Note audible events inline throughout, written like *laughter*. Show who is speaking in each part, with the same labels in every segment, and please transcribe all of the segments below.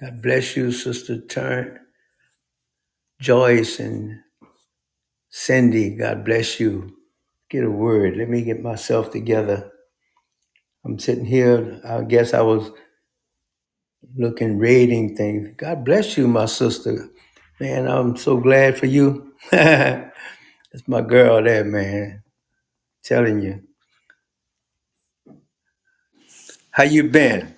Speaker 1: God bless you, Sister Turn, Joyce and Cindy. God bless you. Get a word. Let me get myself together. I'm sitting here. I guess I was looking, rating things. God bless you, my sister. Man, I'm so glad for you. *laughs* That's my girl there, man. Telling you. How you been?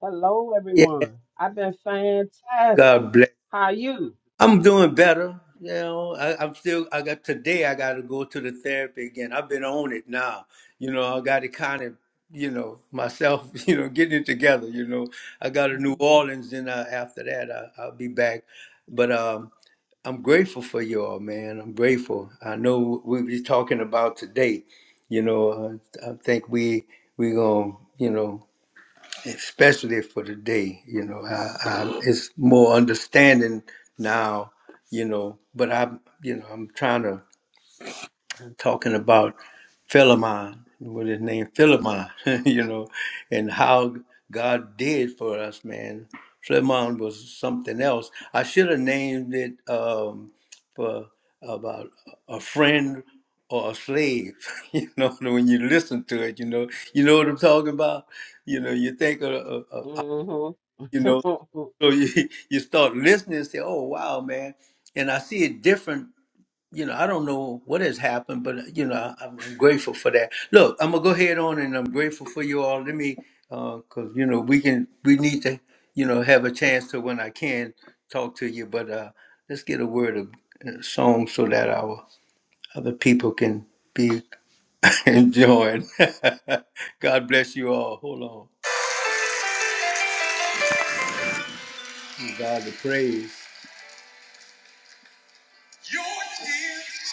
Speaker 2: Hello,
Speaker 1: Yeah,
Speaker 2: everyone. I've been
Speaker 1: God
Speaker 2: fantastic.
Speaker 1: bless.
Speaker 2: How are you?
Speaker 1: I'm doing better. You know, I, I'm still. I got today. I got to go to the therapy again. I've been on it now. You know, I got to kind of, you know, myself. *laughs* You know, getting it together. You know, I got to New Orleans, and uh, after that, I, I'll be back. But um, I'm grateful for y'all, man. I'm grateful. I know we be talking about today. You know, I, I think we we gonna, you know especially for today. You know, I, I, it's more understanding now. You know, but I'm, you know, I'm trying to talking about Philemon, what his name Philemon. *laughs* you know, and how God did for us, man. Philemon was something else. I should have named it um, for about a friend or a slave. *laughs* you know, when you listen to it, you know, you know what I'm talking about. You know, you think of
Speaker 2: Mm-hmm.
Speaker 1: you know so you, *laughs* you start listening and say oh wow man and i see it different you know i don't know what has happened but you know i'm, I'm grateful for that look i'm gonna go ahead on and i'm grateful for you all let me because you know we can we need to you know have a chance to when i can talk to you but uh let's get a word of uh, song so that our other people can be *laughs* enjoying *laughs* god bless you all hold on Give god the praise Your tears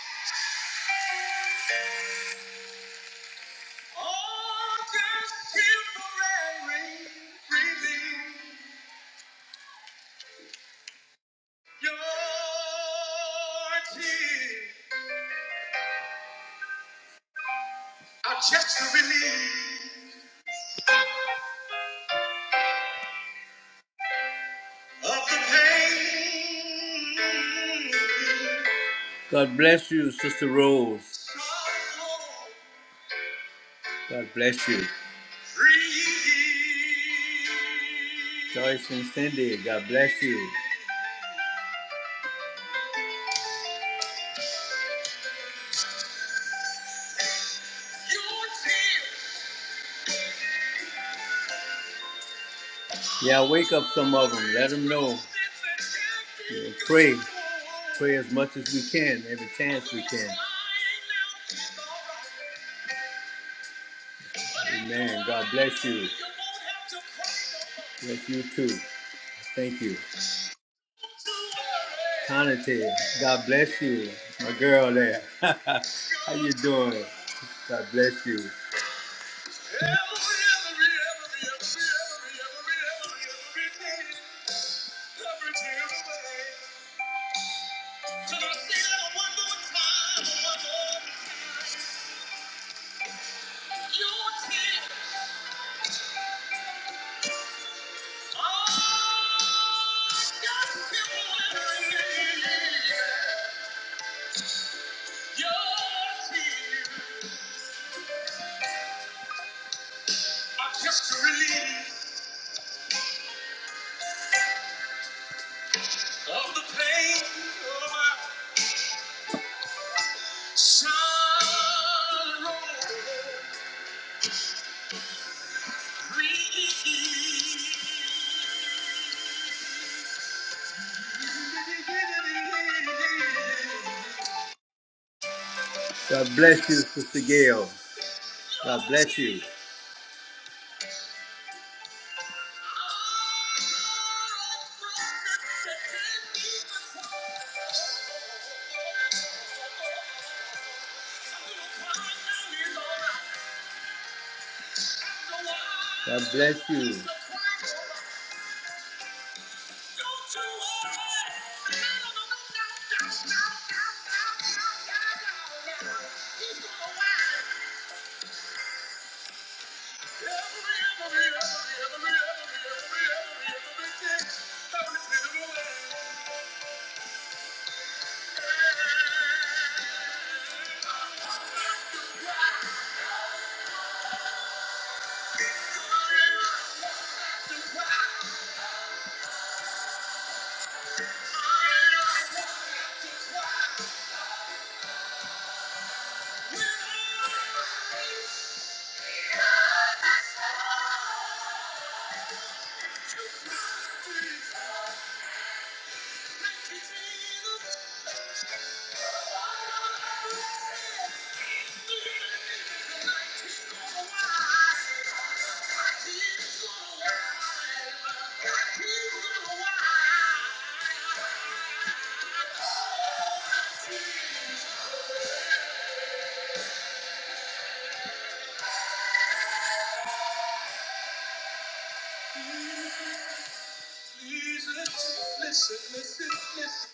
Speaker 1: just a relief of the pain. God bless you, Sister Rose. God bless you. Joyce and Cindy, God bless you. Yeah, wake up some of them. Let them know. You know, pray. Pray as much as we can, every chance we can. Amen. God bless you. Bless you too. Thank you. Conate, God bless you. My girl there. *laughs* How you doing? God bless you. God bless you, Sister Gail. God bless you. God bless you. *laughs*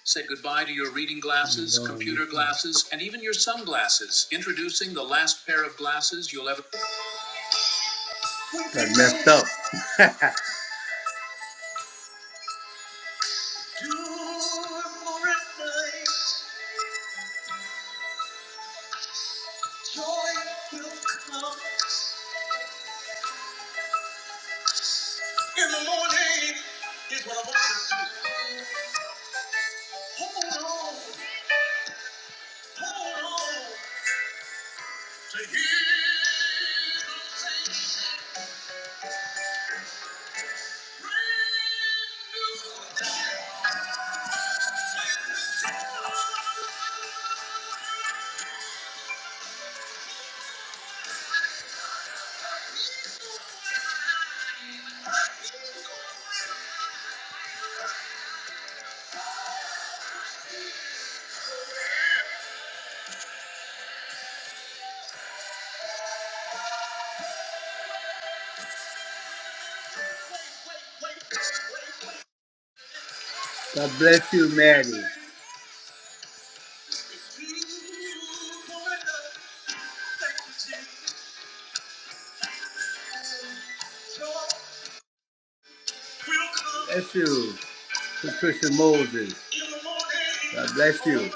Speaker 1: Say goodbye to your reading glasses, No, computer glasses, and even your sunglasses. Introducing the last pair of glasses you'll ever. That messed up. for at night. Joy will come in the morning. Is what I want. Hold on, hold on to hear. them sing. Brand new day. God bless you, Mary. Bless you, Patricia Moses. God bless you.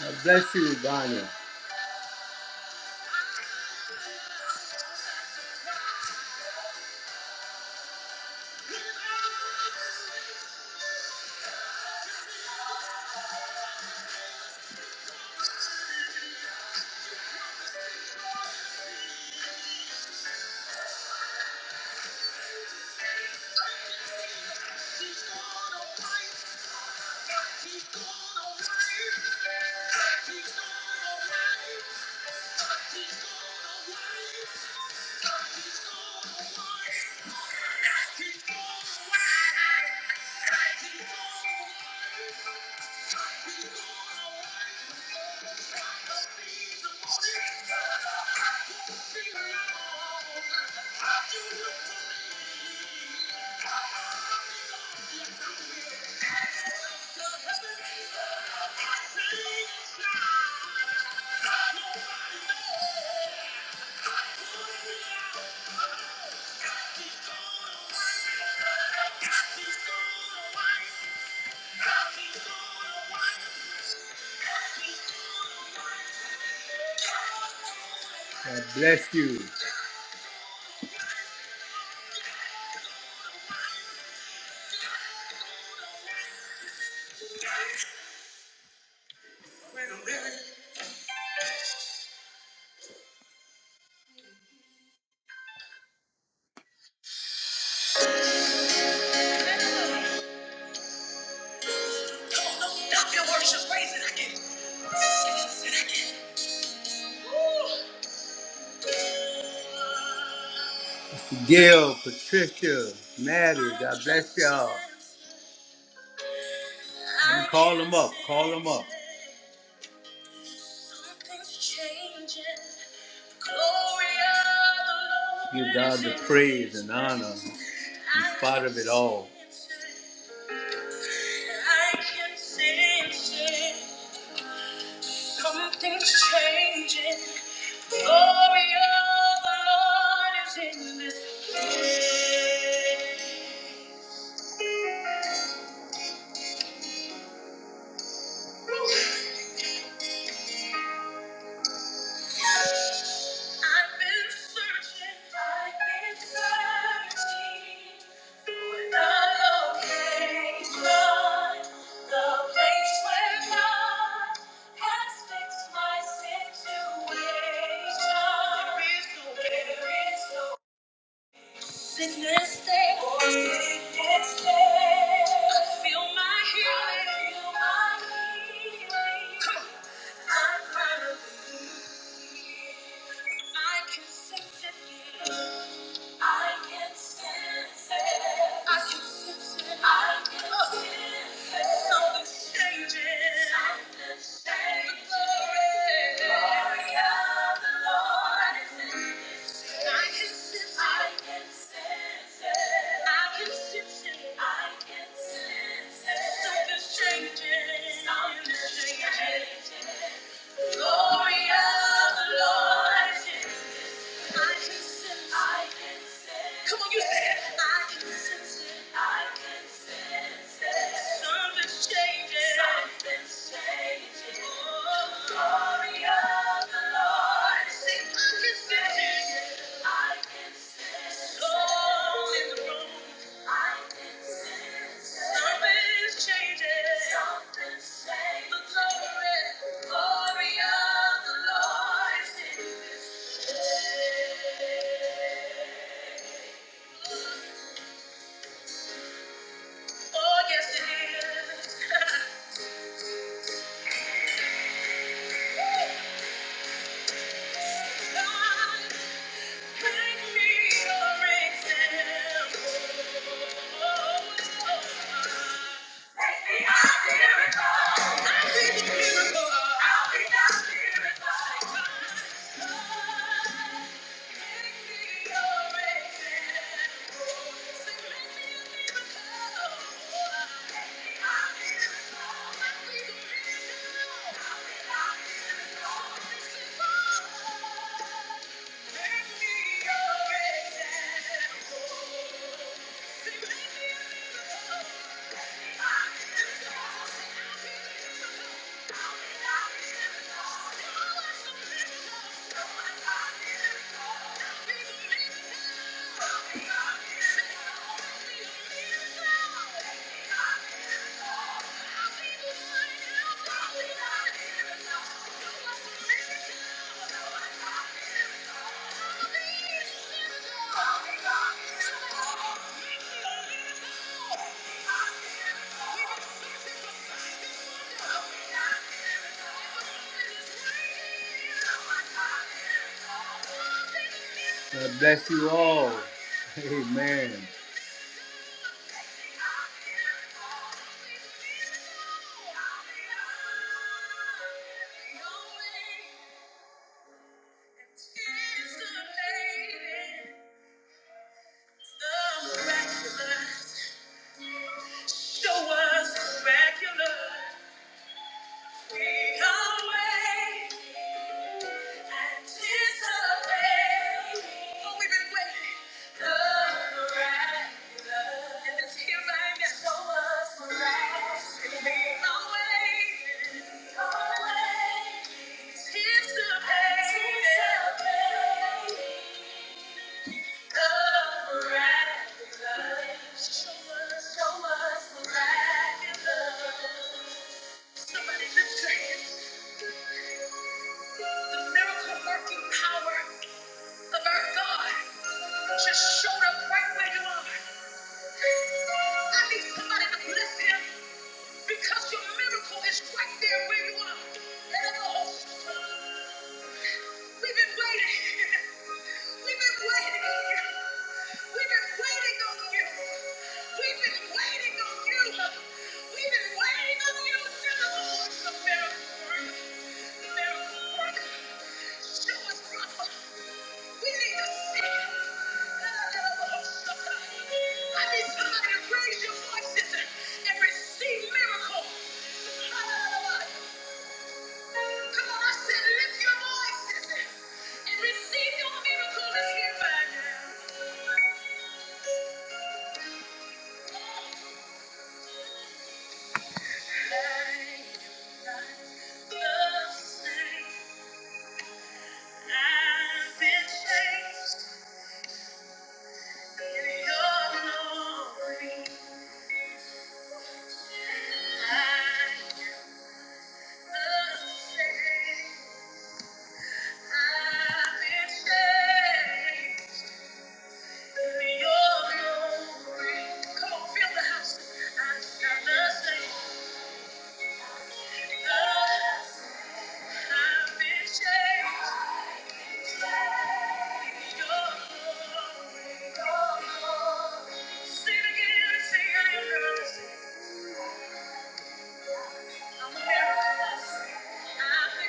Speaker 1: God bless you, Bonnie. He's gonna win. He's gonna wipe. He's gonna wipe. He's gonna wipe. He's gonna wipe. He's gonna wipe. Thank you. God bless you. Stop your worship, praise it again. Sing it again. Woo. Gail, Patricia, Maddie, God bless y'all. And call them up, call them up. Give God the praise and honor in spite of it all. I can sense it. Something's changing. Glory of the Lord is in this place. I've been searching, I've been searching for the location, the place where God has fixed my situation. There is no Sickness stay. Sickness stay. I feel my healing. I feel my healing. Come on. I finally believe. I can sense it. I can sense it. I can sense it. I can sense it. Something's changing. Something's changing. glory. of the Lord is in I can sense it. I can sense it. I can sense it. I can sense it. Something's changing. Something's changing. Glory of the Lord. I can sense Come on, you say it. I can sense it. I can sense it. Something's changing. Something's changing. Oh, glory of the Lord. Say, I can sense I can sense it. Soul in the room. Something's changing. Something's changing. The glory, glory of the Lord is in this place. Oh, yes, it is. *laughs* I'll be Thank miracle. Thank you. Thank you. God bless you all. Amen. Show us miraculous. Miracle working power of our God. Just showed up right where you are. I need somebody to bless him because your miracle is right there where you are. We've been waiting. We've been waiting on you. We've been waiting on you. We've been waiting on you. We've been waiting on you. You're the Lord, the miracle miracle Show us, brother. We need to see. it. I need somebody to raise your voices and receive miracle. Come on, I said lift your voices and receive your miracle is here right now. I've been changed. Come on, feel the house. I, I love you. Thank you. I've been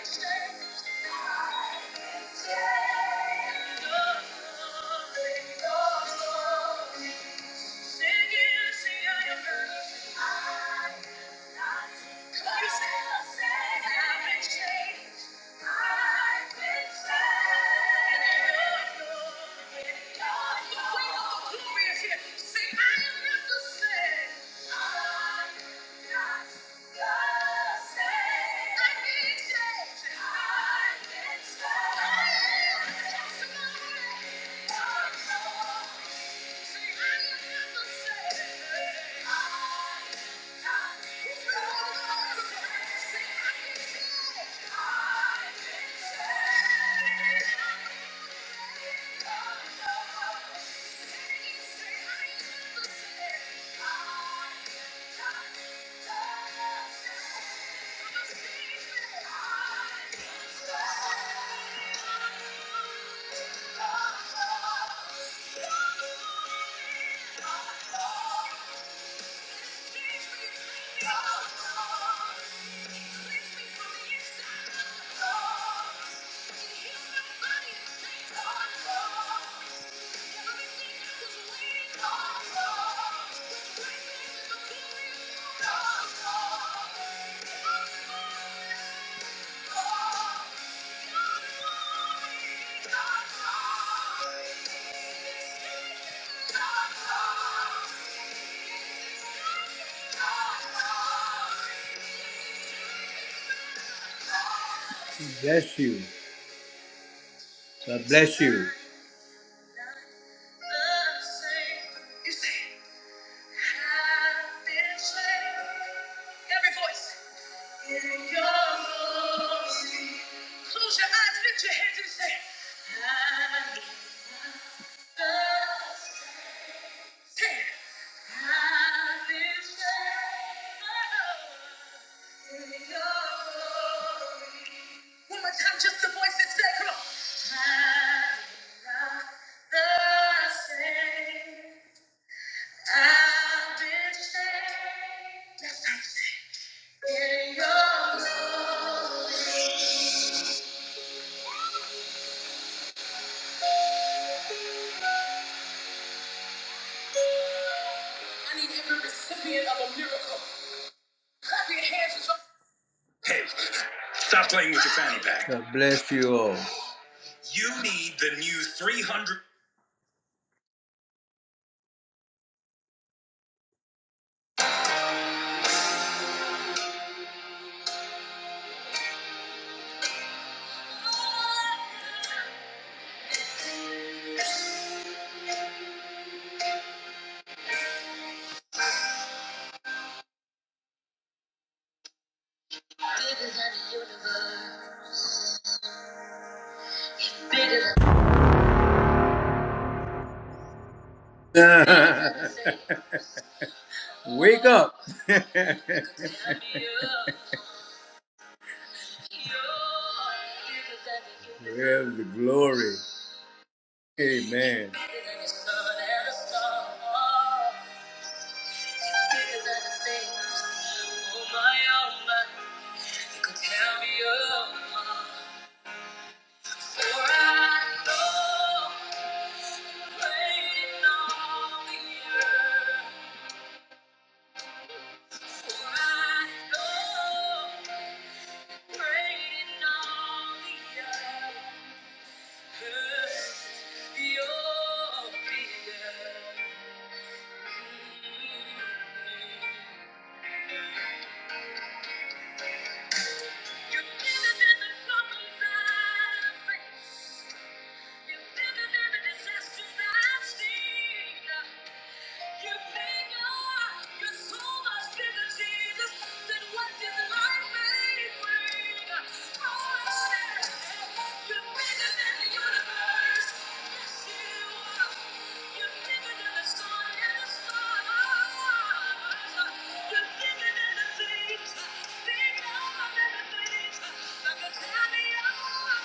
Speaker 1: changed. I've been saved. Thank you. Oh, Oh, Bless you. God bless you. One more time, just the voice come on. I'm not the same. I've been changed. in your glory. I need every recipient of a miracle. Clap your Hey, stop playing with your fanny pack. God bless you all. You need the new 300. *laughs* Wake up. *laughs* Where's the glory? Amen. You're bigger than the problems I face. Thank you. Thank you.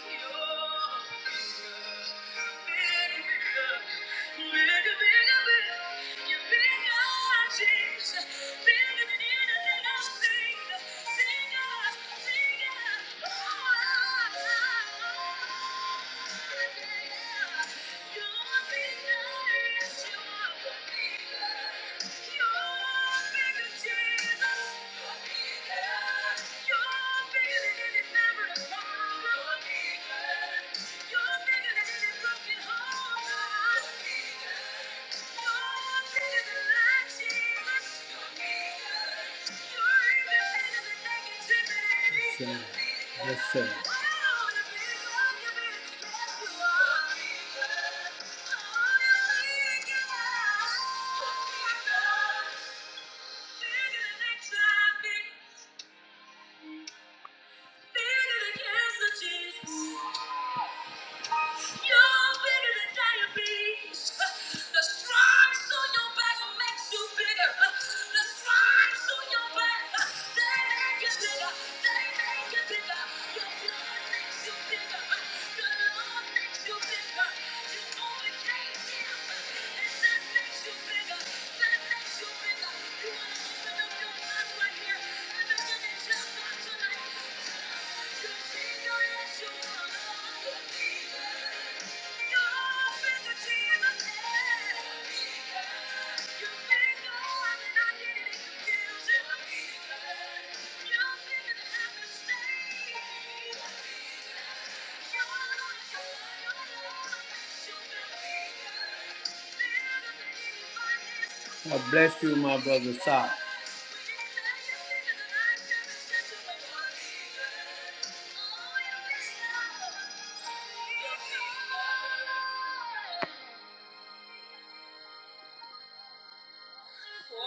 Speaker 1: You're bigger, Jesus. You're bigger. Yes, sir. Yes, sir bigger than cancer, Jesus. You're bigger than diabetes. The stripes on your back makes you bigger. The stripes on your back, they make you bigger. They make you bigger. Your blood makes you bigger. Your love makes you bigger. You overcame him, and that makes you bigger. That makes you bigger. You want to open up your mouth right here and begin to tell God tonight. You're bigger as you are. You're bigger. Thank you. God bless you, my brother Sal. For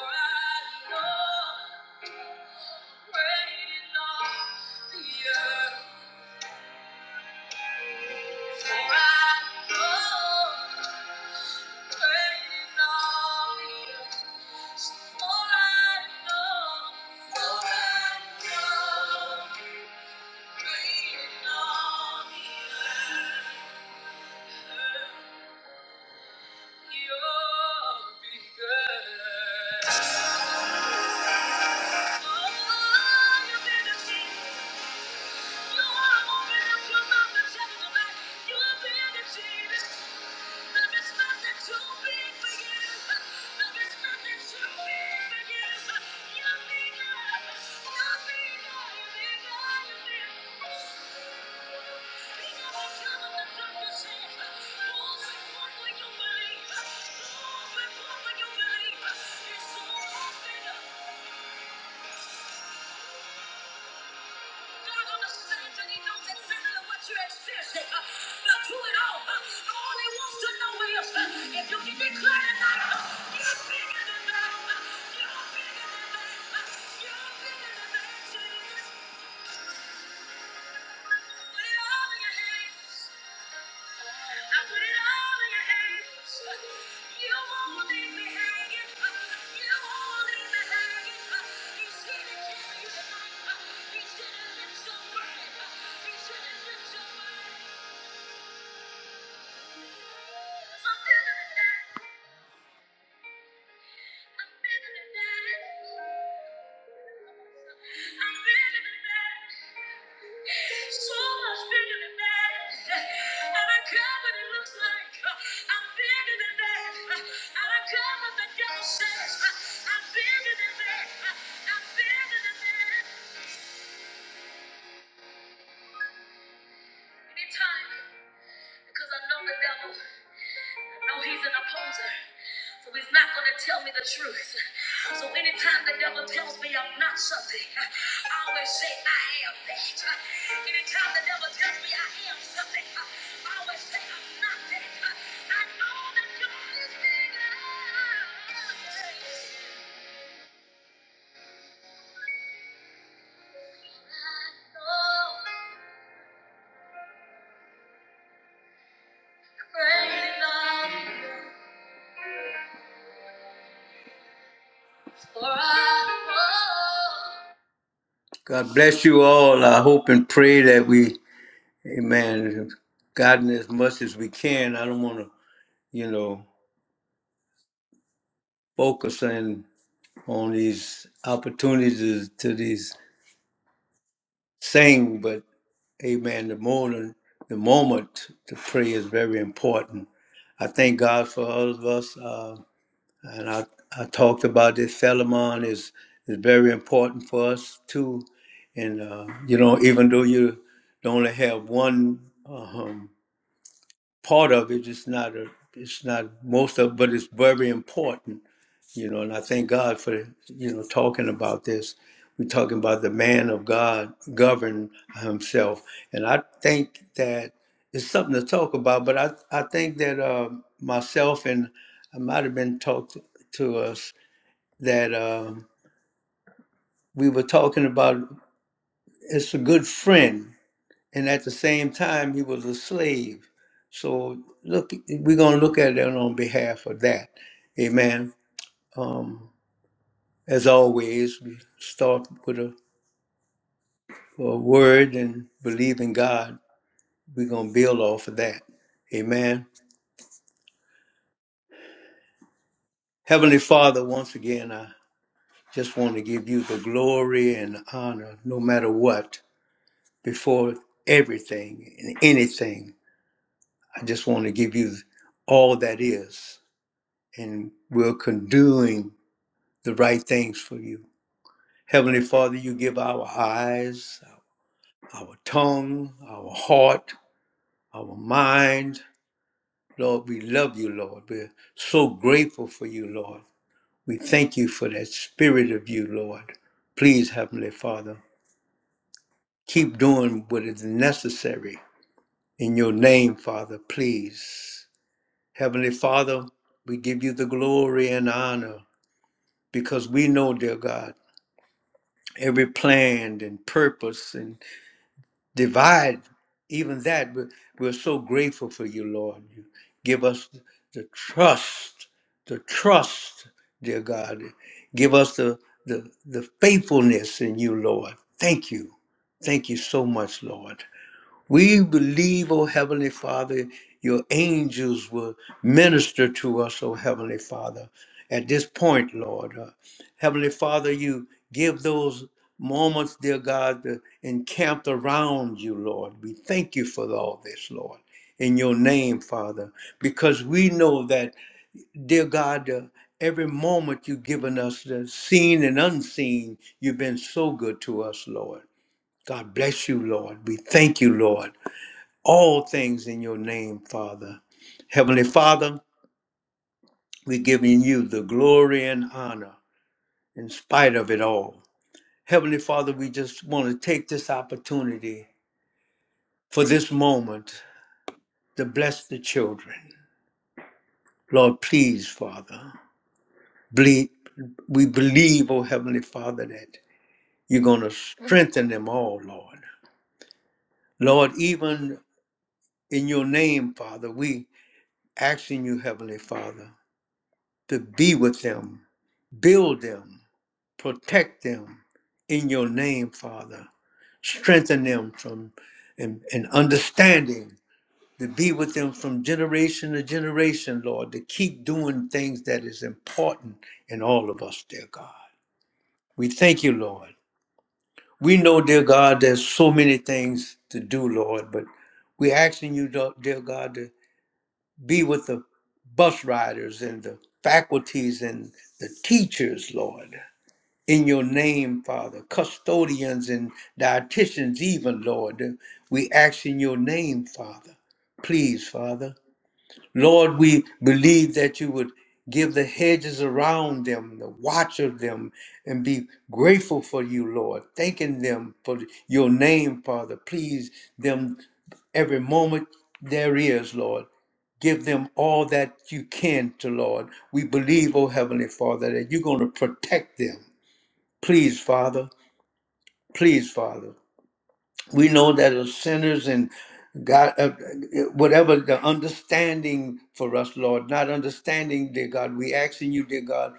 Speaker 1: I know You're bigger. Oh, you're bigger. Thank you. God understands and He knows exactly what you're experiencing. Uh, But through it all, uh, all He wants to know is uh, if you can declare tonight, uh, you're bigger than that. uh, You're bigger than that. uh, You're bigger than that. Jesus. Thank you. Anytime, because I know the devil. No, he's an opposer. So he's not going to tell me the truth. So anytime the devil tells me I'm not something, I always say I am that. Anytime the devil tells me I am something, I always say I'm not that. I know that God is bigger. I know great love is for us. God bless you all. I hope and pray that we Amen. Gotten as much as we can. I don't want to, you know, focus in on these opportunities to these things, but amen. The moment, the moment to pray is very important. I thank God for all of us. Uh, and I, I talked about this. Philemon is, is very important for us too. And, uh, you know, even though you don't have one. uh, part of it. It's not a, it's not most of, but it's very important, you know. And I thank God for you know talking about this. We're talking about the man of God govern himself, and I think that it's something to talk about. But I, I think that uh, myself and I might have been talked to us that uh, we were talking about. It's a good friend and at the same time he was a slave. So look, we're gonna look at it on behalf of that. Amen. Um, as always, we start with a, a word and believe in God. We're gonna build off of that. Amen. Heavenly Father, once again, I just want to give you the glory and honor, no matter what, before everything and anything. I just want to give you all that is, and we're condoning the right things for you. Heavenly Father, you give our eyes, our tongue, our heart, our mind. Lord, we love you, Lord. We're so grateful for you, Lord. We thank you for that spirit of you, Lord. Please, Heavenly Father, keep doing what is necessary in your name, Father, please. Heavenly Father, we give you the glory and honor because we know, dear God, every plan and purpose and. divide even that. But we're so grateful for you, Lord. You give us the trust, the trust, dear God. Give us the the, the faithfulness in you, Lord. Thank you. Thank you so much, Lord. We believe, O Heavenly Father, your angels will minister to us, O Heavenly Father, at this point, Lord. Uh, Heavenly Father, you give those moments, dear God, to encamp around you, Lord. We thank you for all this, Lord, in your name, Father, because we know that, dear God, uh, every moment you've given us, the seen and unseen, you've been so good to us, Lord. God bless you, Lord. We thank you, Lord all things in your name, Father. Heavenly Father, we're giving you the glory and honor in spite of it all. Heavenly Father, we just want to take this opportunity for this moment to bless the children. Lord, please, Father, ble- we believe, oh Heavenly Father, that you're going to strengthen them all, Lord. Lord, even in your name, Father, we asking you, Heavenly Father, to be with them, build them, Protect them in your name, Father. Strengthen them from and, and understanding to be with them from generation to generation, Lord, to keep doing things that is important in all of us, dear God. We thank you, Lord. We know, dear God, there's so many things to do, Lord, but we're asking you, do- dear God, to be with the bus riders and the faculties and the teachers, Lord. in your name, Father, custodians and dietitians, even, Lord. We ask in your name, Father. Please, Father. Lord, we believe that you would give the hedges around them, the watch of them, and be grateful for you, Lord, thanking them for your name, Father. Please them every moment there is, Lord. Give them all that you can to, Lord. We believe, oh Heavenly Father, that you're going to protect them Please, Father. Please, Father. We know that as sinners and God, uh, whatever the understanding for us, Lord, not understanding, dear God, we asking you, dear God,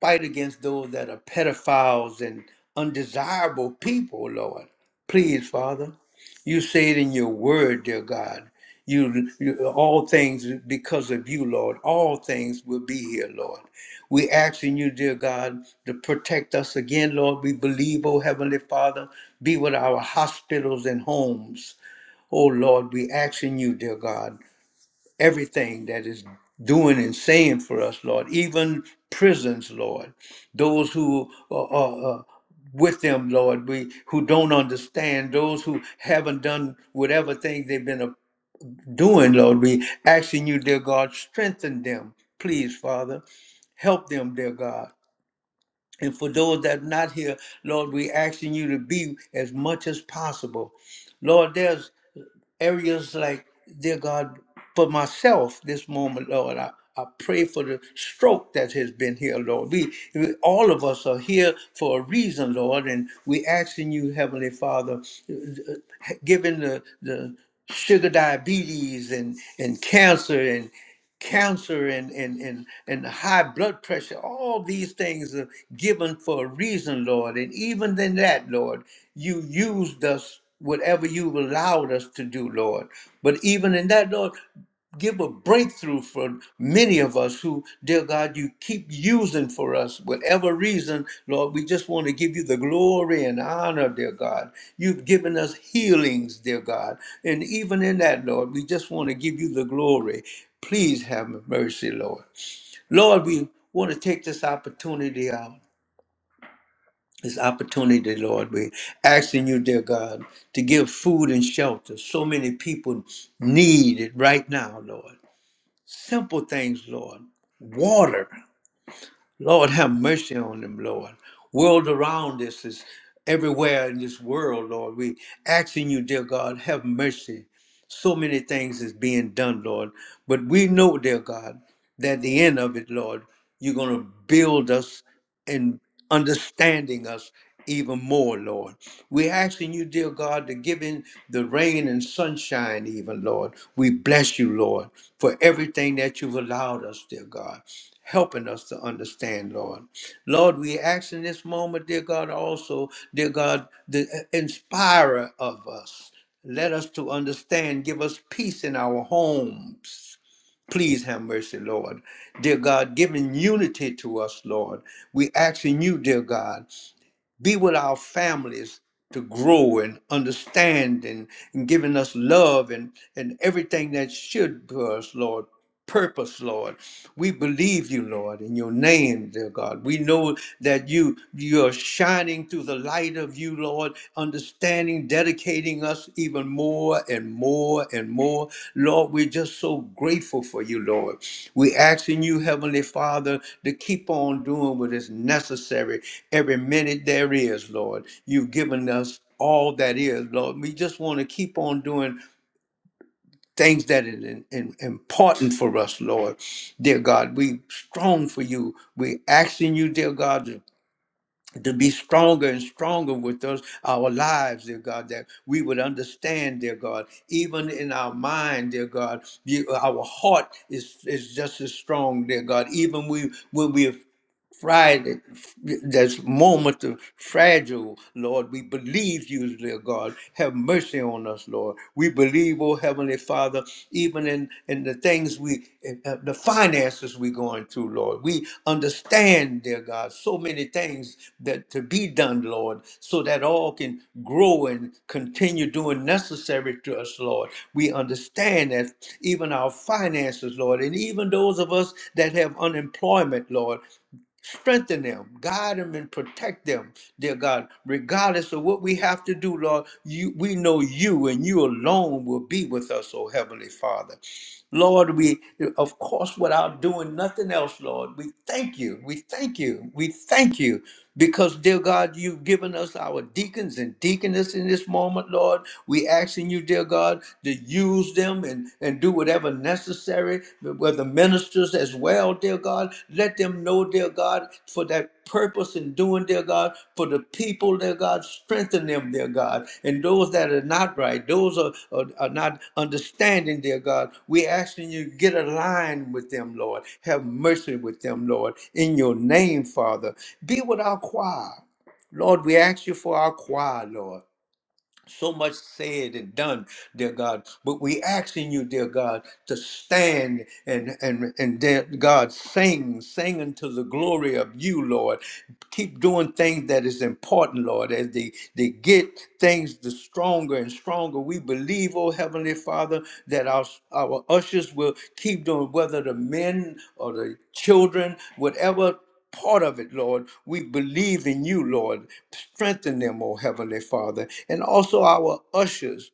Speaker 1: Fight against those that are pedophiles and undesirable people, Lord. Please, Father. You say it in your word, dear God. You, you all things because of you, Lord. All things will be here, Lord. We asking you, dear God, to protect us again, Lord. We believe, oh Heavenly Father, be with our hospitals and homes. Oh Lord, we asking you, dear God everything that is doing and saying for us, Lord, even prisons, Lord, those who are, are, are with them, Lord, we who don't understand, those who haven't done whatever thing they've been uh, doing, Lord, we asking you, dear God, strengthen them, please, Father, help them, dear God. And for those that are not here, Lord, we asking you to be as much as possible. Lord, there's areas like, dear God, for myself this moment, Lord, I, I pray for the stroke that has been here, Lord. We, we- all of us are here for a reason, Lord, and we asking you, Heavenly Father, uh, uh, given the the sugar diabetes and and cancer and cancer and, and, and, and high blood pressure, all these things are given for a reason, Lord. And even in that, Lord, you used us whatever you've allowed us to do, Lord. But even in that, Lord, give a breakthrough for many of us who, dear God, you keep using for us, whatever reason, Lord. We just want to give you the glory and honor, dear God. You've given us healings, dear God. And even in that, Lord, we just want to give you the glory. Please have mercy, Lord. Lord, we want to take this opportunity out. This opportunity, Lord, we're asking you, dear God, to give food and shelter. So many people need it right now, Lord simple things, Lord. Water, Lord, have mercy on them, Lord. World around us is everywhere in this world, Lord. We asking you, dear God, have mercy. So many things is being done, Lord. But we know, dear God, that at the end of it, Lord, you're going to build us and understanding us even more, Lord. We're asking you, dear God, to give in the rain and sunshine, even, Lord. We bless you, Lord, for everything that you've allowed us, dear God, helping us to understand, Lord. Lord, we ask in this moment, dear God, also, dear God, the uh, inspirer of us. Let us to understand. Give us peace in our homes. Please have mercy, Lord. Dear God, giving unity to us, Lord. We asking you, dear God, be with our families to grow and understand and, and giving us love and, and everything that should for us, Lord. Purpose, Lord. We believe you, Lord, in your name, dear God. We know that you you are shining through the light of you, Lord, dedicating us even more and more and more. Lord, we're just so grateful for you, Lord. We're asking you, Heavenly Father, to keep on doing what is necessary every minute there is, Lord. You've given us all that is, Lord. We just want to keep on doing things that are in- in- important for us, Lord. Dear God, we strong for you. We asking you, dear God, to to be stronger and stronger with us, our lives, dear God, that we would understand, dear God, even in our mind, dear God, you, our heart is, is just as strong, dear God, even we, when we are Friday, this moment of fragile, Lord. We believe you, dear God. Have mercy on us, Lord. We believe, oh Heavenly Father, even in, in the things we, uh, the finances we're going through, Lord. We understand, dear God, so many things that to be done, Lord, so that all can grow and continue doing necessary to us, Lord. We understand that even our finances, Lord, and even those of us that have unemployment, Lord. Strengthen them, guide them, and protect them, dear God. Regardless of what we have to do, Lord, you, we know you and you alone will be with us, oh Heavenly Father. Lord, we, of course, without doing nothing else, Lord, we thank you. We thank you. We thank you because, dear God, you've given us our deacons and deaconess in this moment, Lord. We asking you, dear God, to use use them and, and do whatever necessary, whether ministers as well, dear God. Let them know, dear God, for that purpose in doing, dear God, for the people, dear God, strengthen them, dear God. And those that are not right, those are, are, are not understanding, dear God, we asking you to get aligned with them, Lord. Have mercy with them, Lord, in your name, Father. Be with our choir. Lord, we ask you for our choir, Lord so much said and done, dear God. But we asking you, dear God, to stand and and and dear God sing, sing unto the glory of you, Lord. Keep doing things that is important, Lord. As they they get things the stronger and stronger, we believe, oh Heavenly Father, that our our ushers will keep doing whether the men or the children, whatever part of it, Lord. We believe in you, Lord. Strengthen them, O Heavenly Father, and also our ushers.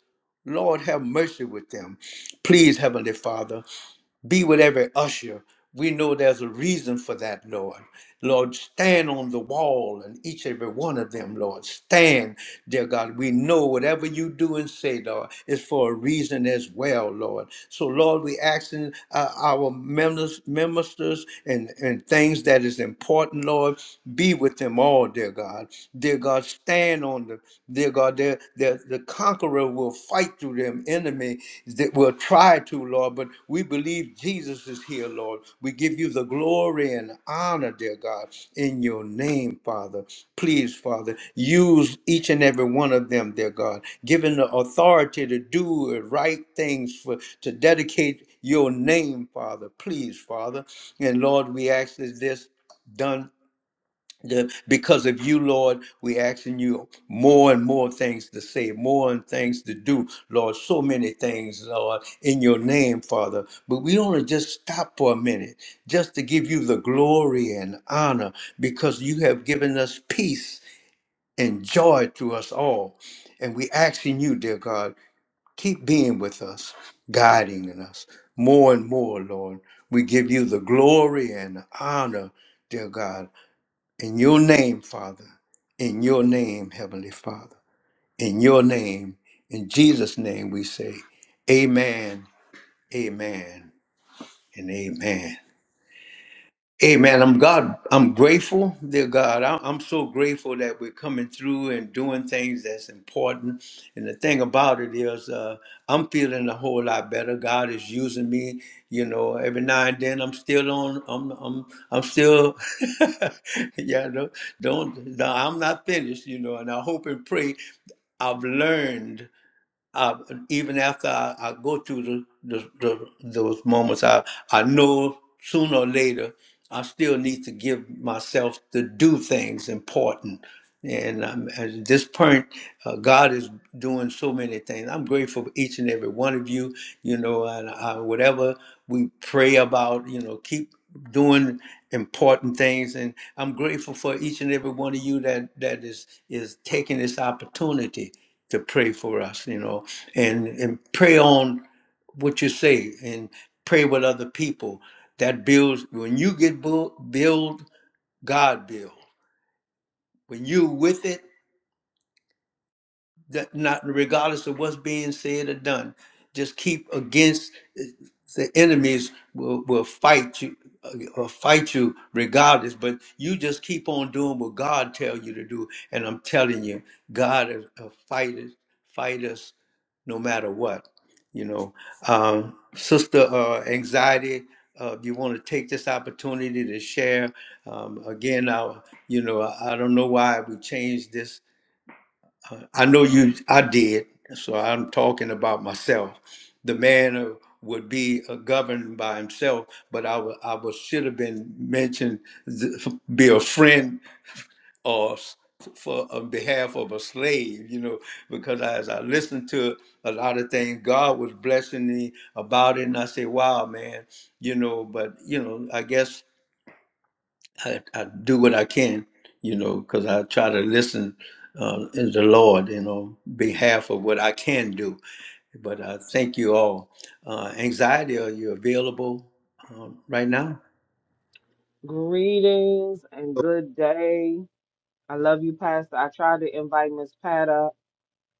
Speaker 1: Lord, have mercy with them. Please, Heavenly Father. Be with every usher. We know there's a reason for that, Lord. Lord, stand on the wall and each and every one of them, Lord. Stand, dear God. We know whatever you do and say, Lord, is for a reason as well, Lord. So, Lord, we asking uh, our members, ministers and, and things that is important, Lord, be with them all, dear God. Dear God, stand on them, dear God. Their, their, the, the conqueror will fight through them enemy that will try to, Lord. But we believe Jesus is here, Lord. We give you the glory and honor, dear God, in your name, Father. Please, Father, use each and every one of them, dear God, given the authority to do the right things for to dedicate your name, Father. Please, Father. And Lord, we ask that this done the, because of you, Lord, we asking you more and more things to say, more and things to do, Lord. So many things, Lord, in your name, Father. But we want to just stop for a minute, just to give you the glory and honor, because you have given us peace and joy to us all. And we asking you, dear God, keep being with us, guiding in us more and more, Lord. We give you the glory and honor, dear God. In your name, Father. In your name, Heavenly Father. In your name, in Jesus' name, we say, Amen, Amen, and Amen. Amen. I'm God. I'm grateful, dear God. I- I'm so grateful that we're coming through and doing things that's important. And the thing about it is, uh, I'm feeling a whole lot better. God is using me. You know, every now and then I'm still on. I'm. I'm. I'm still. *laughs* yeah. Don't. Don't. No, I'm not finished. You know. And I hope and pray I've learned uh, even after I, I go through the, the, the, those moments, I, I know sooner or later I still need to give myself to do things important. And um, at this point, uh, God is doing so many things. I'm grateful for each and every one of you, you know, and uh, whatever we pray about, you know, keep doing important things and i'm grateful for each and every one of you that that is is taking this opportunity to pray for us you know and and pray on what you say and pray with other people that builds when you get build, build god build when you with it that not regardless of what's being said or done just keep against eh, the enemies will, will fight you uh, or fight you regardless but you just keep on doing what god tell you to do and i'm telling you god is a fighter fight us no matter what you know um, sister uh, anxiety uh, you want to take this opportunity to share um, again I, you know I, I don't know why we changed this I know you, I did, so I'm talking about myself. The man who would be uh, governed by himself, but I wa- I was, should have been mentioned, th- be a friend or s- for on behalf of a slave, you know, because as I listened to a lot of things, God was blessing me about it, and I say, wow, man, you know, but you know, I guess I, I do what I can, you know, because I try to listen uh, in the Lord, you know, behalf of what I can do. But I thank you all. Uh, anxiety, are you available uh, right now?
Speaker 2: *laughs* Greetings and good day. I love you, Pastor. I tried to invite Miss Pat up.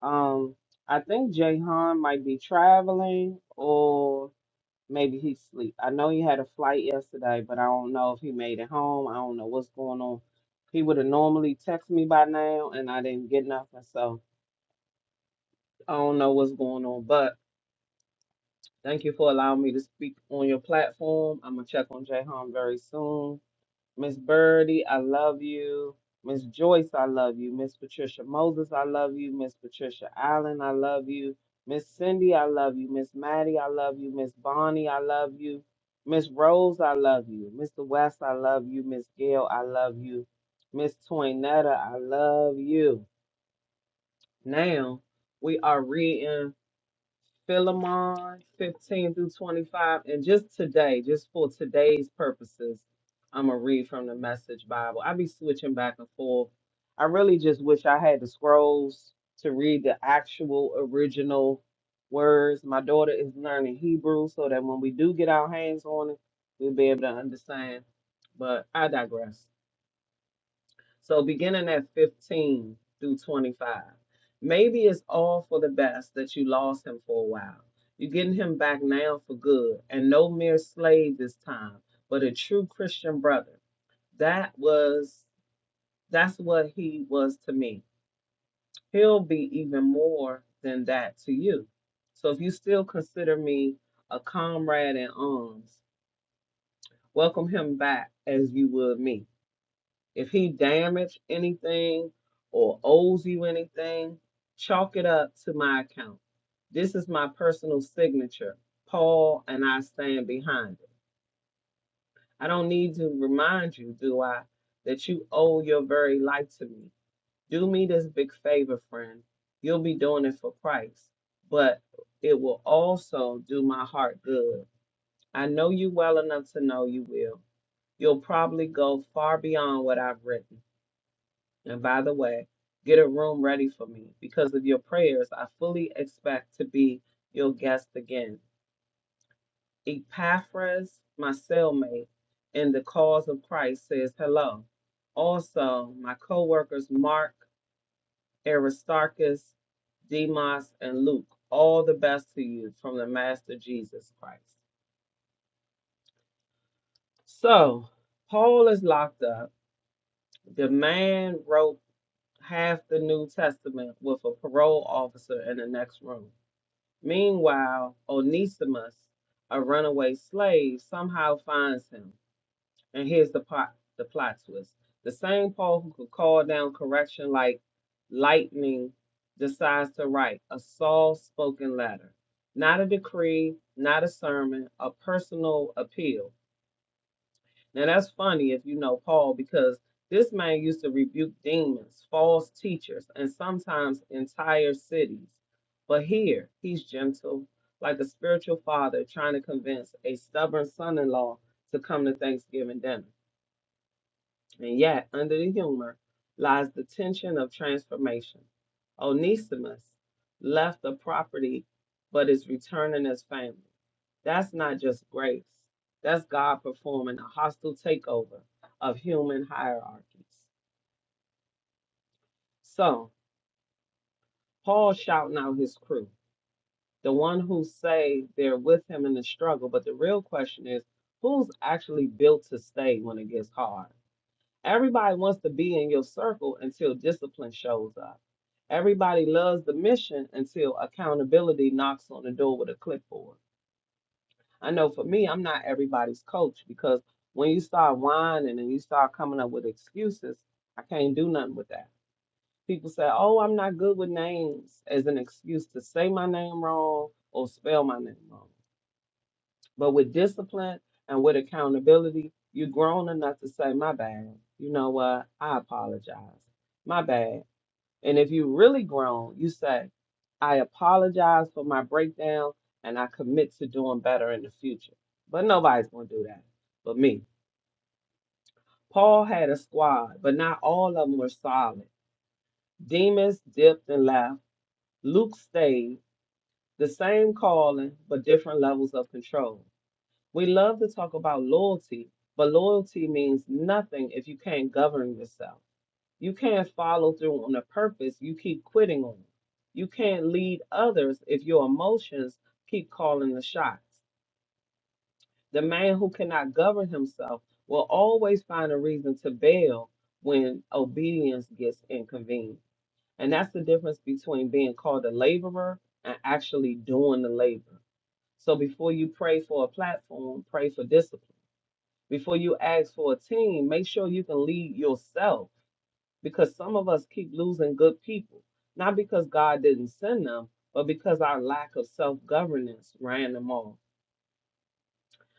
Speaker 2: Um, I think Jay Han might be traveling or maybe he's asleep. I know he had a flight yesterday, but I don't know if he made it home. I don't know what's going on. He would have normally texted me by now, and I didn't get nothing. So I don't know what's going on, but. Thank you for allowing me to speak on your platform. I'm gonna check on Jay Hum very soon. Miss Birdie, I love you. Miss Joyce, I love you. Miss Patricia Moses, I love you. Miss Patricia Allen, I love you. Miss Cindy, I love you. Miss Maddie, I love you. Miss Bonnie, I love you. Miss Rose, I love you. Mr. West, I love you. Miss Gail, I love you. Miss Toinetta, I love you. Now we are reading Philemon 15 through 25. And just today, just for today's purposes, I'm going to read from the Message Bible. I be switching back and forth. I really just wish I had the scrolls to read the actual original words. My daughter is learning Hebrew so that when we do get our hands on it, we'll be able to understand. But I digress. So beginning at 15 through 25, maybe it's all for the best that you lost him for a while. You're getting him back now for good, and no mere slave this time, but a true Christian brother. That was that's what he was to me. He'll be even more than that to you. So if you still consider me a comrade in arms, welcome him back as you would me. If he damaged anything or owes you anything, chalk it up to my account. This is my personal signature. Paul and I stand behind it. I don't need to remind you, do I, that you owe your very life to me. Do me this big favor, friend. You'll be doing it for Christ, but it will also do my heart good. I know you well enough to know you will. You'll probably go far beyond what I've written. And by the way, get a room ready for me. Because of your prayers, I fully expect to be your guest again. Epaphras, my cellmate in the cause of Christ, says hello. Also, my co workers Mark, Aristarchus, Demas, and Luke, all the best to you from the Master Jesus Christ. So, Paul is locked up. The man wrote half the New Testament with a parole officer in the next room. Meanwhile, Onesimus, a runaway slave, somehow finds him. And here's the plot, the plot twist. The same Paul who could call down correction like lightning decides to write a Saul spoken letter. Not a decree, not a sermon, a personal appeal. Now that's funny if you know Paul, because this man used to rebuke demons, false teachers, and sometimes entire cities. But here, he's gentle, like a spiritual father trying to convince a stubborn son in law to come to Thanksgiving dinner. And yet, under the humor lies the tension of transformation. Onesimus left the property but is returning as family. That's not just grace. That's God performing a hostile takeover of human hierarchies. So, Paul shouting out his crew, the one who say they're with him in the struggle, but the real question is who's actually built to stay when it gets hard? Everybody wants to be in your circle until discipline shows up. Everybody loves the mission until accountability knocks on the door with a clipboard. I know for me, I'm not everybody's coach because when you start whining and you start coming up with excuses, I can't do nothing with that. People say, "Oh, I'm not good with names," as an excuse to say my name wrong or spell my name wrong. But with discipline and with accountability, you're grown enough to say, "My bad. You know what? I apologize. My bad. And if you really grown, you say, I apologize for my breakdown and I commit to doing better in the future. But nobody's going to do that but me. Paul had a squad, but not all of them were solid. Demas dipped and left. Luke stayed. The same calling, but different levels of control. We love to talk about loyalty, but loyalty means nothing if you can't govern yourself. You can't follow through on a purpose. You keep quitting on it. You can't lead others if your emotions keep calling the shots. The man who cannot govern himself will always find a reason to bail when obedience gets inconvenient. And that's the difference between being called a laborer and actually doing the labor. So before you pray for a platform, pray for discipline. Before you ask for a team, make sure you can lead yourself because some of us keep losing good people, not because God didn't send them, but because our lack of self governance ran them off.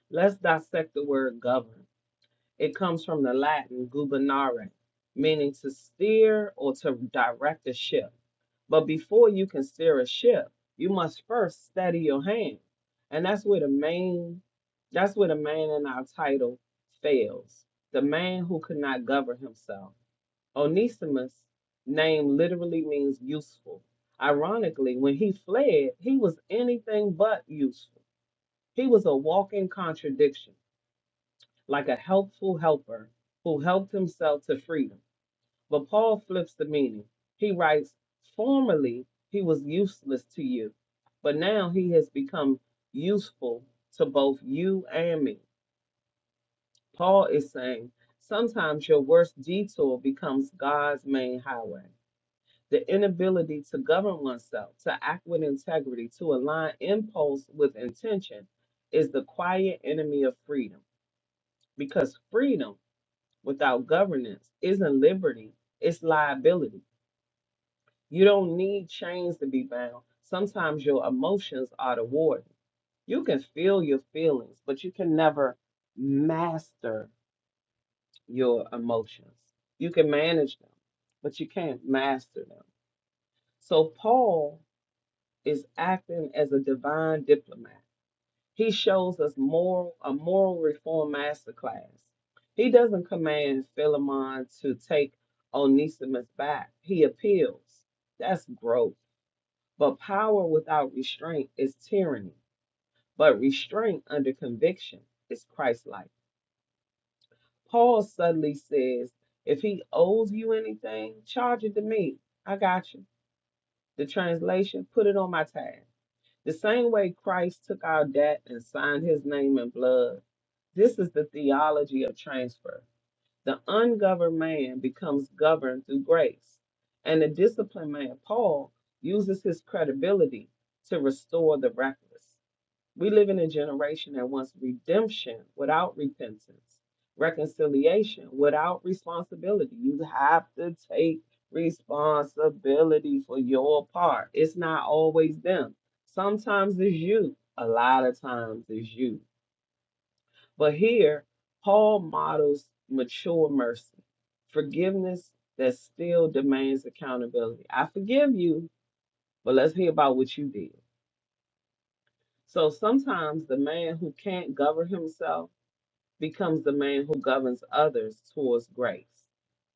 Speaker 2: Let's dissect the word govern. It comes from the Latin gubernare, meaning to steer or to direct a ship. But before you can steer a ship, you must first steady your hand. And that's where the main that's where the man in our title fails. The man who could not govern himself. Onesimus' name literally means useful. Ironically, when he fled, he was anything but useful. He was a walking contradiction, like a helpful helper who helped himself to freedom. But Paul flips the meaning. He writes, Formerly he was useless to you, but now he has become useful to both you and me. Paul is saying, Sometimes your worst detour becomes God's main highway. The inability to govern oneself, to act with integrity, to align impulse with intention is the quiet enemy of freedom. Because freedom without governance isn't liberty, it's liability. You don't need chains to be bound. Sometimes your emotions are the warden. You can feel your feelings, but you can never master your emotions. You can manage them, but you can't master them. So, Paul is acting as a divine diplomat. He shows us moral a moral reform masterclass. He doesn't command Philemon to take Onesimus back. He appeals. That's growth. But power without restraint is tyranny. But restraint under conviction is Christ-like. Paul suddenly says, if he owes you anything, charge it to me. I got you. The translation, put it on my tab. The same way Christ took our debt and signed his name in blood. This is the theology of transfer. The ungoverned man becomes governed through grace, and the disciplined man, Paul, uses his credibility to restore the reckless. We live in a generation that wants redemption without repentance, reconciliation without responsibility. You have to take responsibility for your part. It's not always them. Sometimes it's you, a lot of times it's you. But here, Paul models mature mercy, forgiveness that still demands accountability. I forgive you, but let's hear about what you did. So sometimes the man who can't govern himself, becomes the man who governs others towards grace.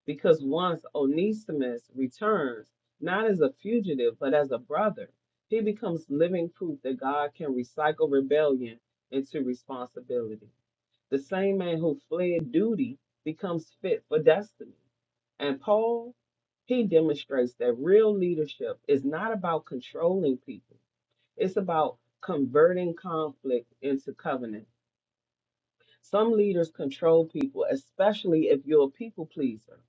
Speaker 2: Because once Onesimus returns, not as a fugitive, but as a brother, he becomes living proof that God can recycle rebellion into responsibility. The same man who fled duty becomes fit for destiny. And Paul, he demonstrates that real leadership is not about controlling people, it's about converting conflict into covenant some leaders control people, especially if you're a people pleaser.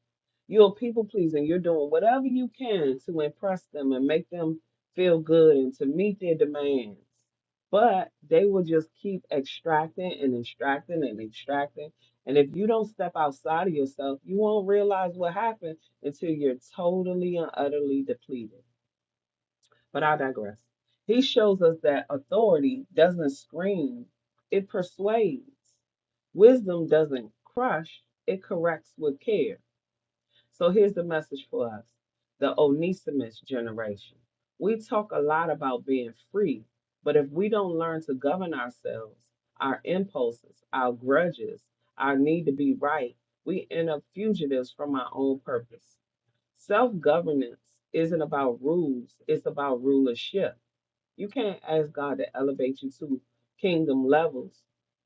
Speaker 2: You're a people pleaser and you're doing whatever you can to impress them and make them feel good and to meet their demands. But they will just keep extracting and extracting and extracting. And if you don't step outside of yourself, you won't realize what happened until you're totally and utterly depleted. But I digress. He shows us that authority doesn't scream, it persuades. Wisdom doesn't crush, it corrects with care. So here's the message for us the Onesimus generation. We talk a lot about being free, but if we don't learn to govern ourselves, our impulses, our grudges, our need to be right, we end up fugitives from our own purpose. Self governance isn't about rules, it's about rulership you can't ask God to elevate you to kingdom levels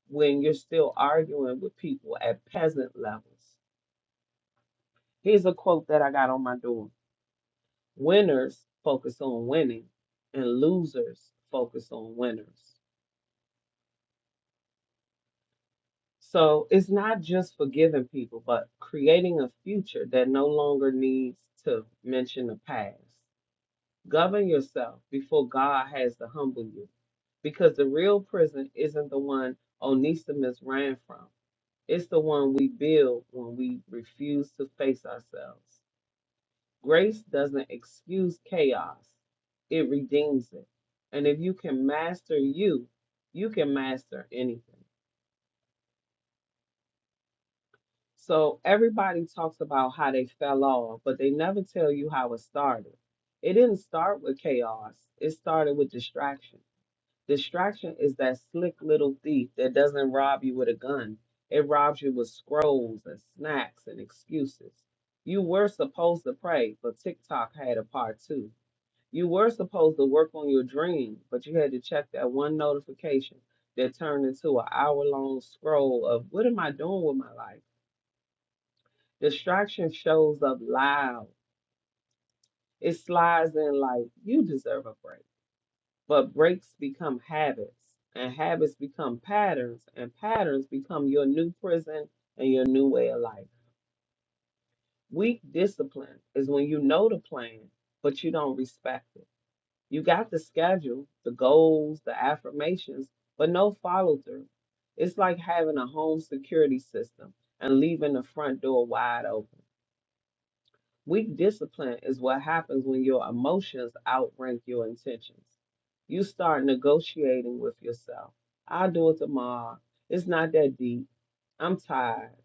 Speaker 2: when you're still arguing with people at peasant levels. Here's a quote that I got on my door Winners focus on winning, and losers focus on winners. So it's not just forgiving people, but creating a future that no longer needs to mention the past. Govern yourself before God has to humble you because the real prison isn't the one Onesimus ran from. It's the one we build when we refuse to face ourselves. Grace doesn't excuse chaos, it redeems it. And if you can master you, you can master anything. So everybody talks about how they fell off, but they never tell you how it started. It didn't start with chaos, it started with distraction. Distraction is that slick little thief that doesn't rob you with a gun. It robs you with scrolls and snacks and excuses. You were supposed to pray, but TikTok had a part two. You were supposed to work on your dream, but you had to check that one notification that turned into an hour long scroll of what am I doing with my life? Distraction shows up loud. It slides in like you deserve a break. But breaks become habits, and habits become patterns, and patterns become your new prison and your new way of life. Weak discipline is when you know the plan, but you don't respect it. You got the schedule, the goals, the affirmations, but no follow through. It's like having a home security system and leaving the front door wide open. Weak discipline is what happens when your emotions outrank your intentions. You start negotiating with yourself. I'll do it tomorrow. It's not that deep. I'm tired.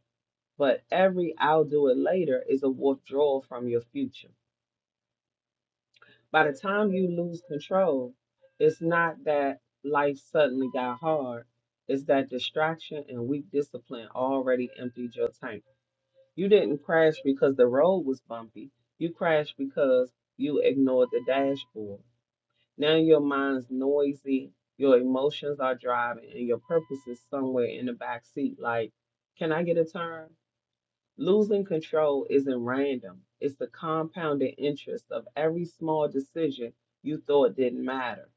Speaker 2: But every I'll do it later is a withdrawal from your future. By the time you lose control, it's not that life suddenly got hard, it's that distraction and weak discipline already emptied your tank. You didn't crash because the road was bumpy. You crashed because you ignored the dashboard. Now your mind's noisy, your emotions are driving, and your purpose is somewhere in the back seat. Like, can I get a turn? Losing control isn't random. It's the compounded interest of every small decision you thought didn't matter.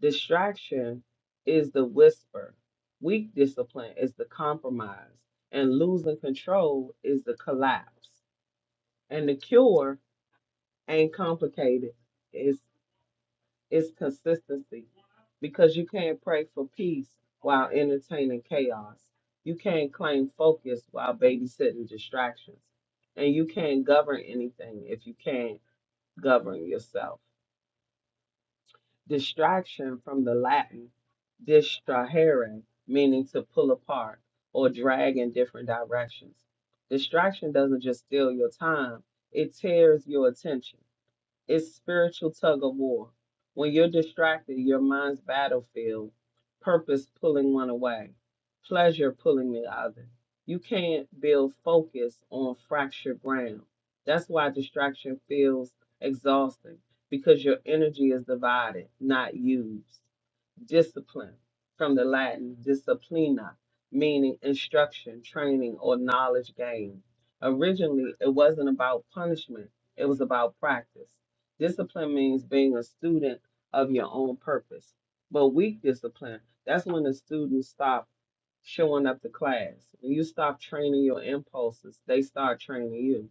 Speaker 2: Distraction is the whisper. Weak discipline is the compromise. And losing control is the collapse and the cure ain't complicated. It's it's consistency because you can't pray for peace while entertaining chaos. You can't claim focus while babysitting distractions, and you can't govern anything if you can't govern yourself. Distraction from the Latin distrahere, meaning to pull apart or drag in different directions. Distraction doesn't just steal your time; it tears your attention It's spiritual tug of war. When you're distracted, your mind's battlefield, purpose pulling one away, pleasure pulling the other. You can't build focus on fractured ground. That's why distraction feels exhausting because your energy is divided, not used. Discipline, from the Latin disciplina, meaning instruction, training, or knowledge gained. Originally, it wasn't about punishment, it was about practice. Discipline means being a student of your own purpose. But weak discipline, that's when the students stop showing up to class. When you stop training your impulses, they start training you.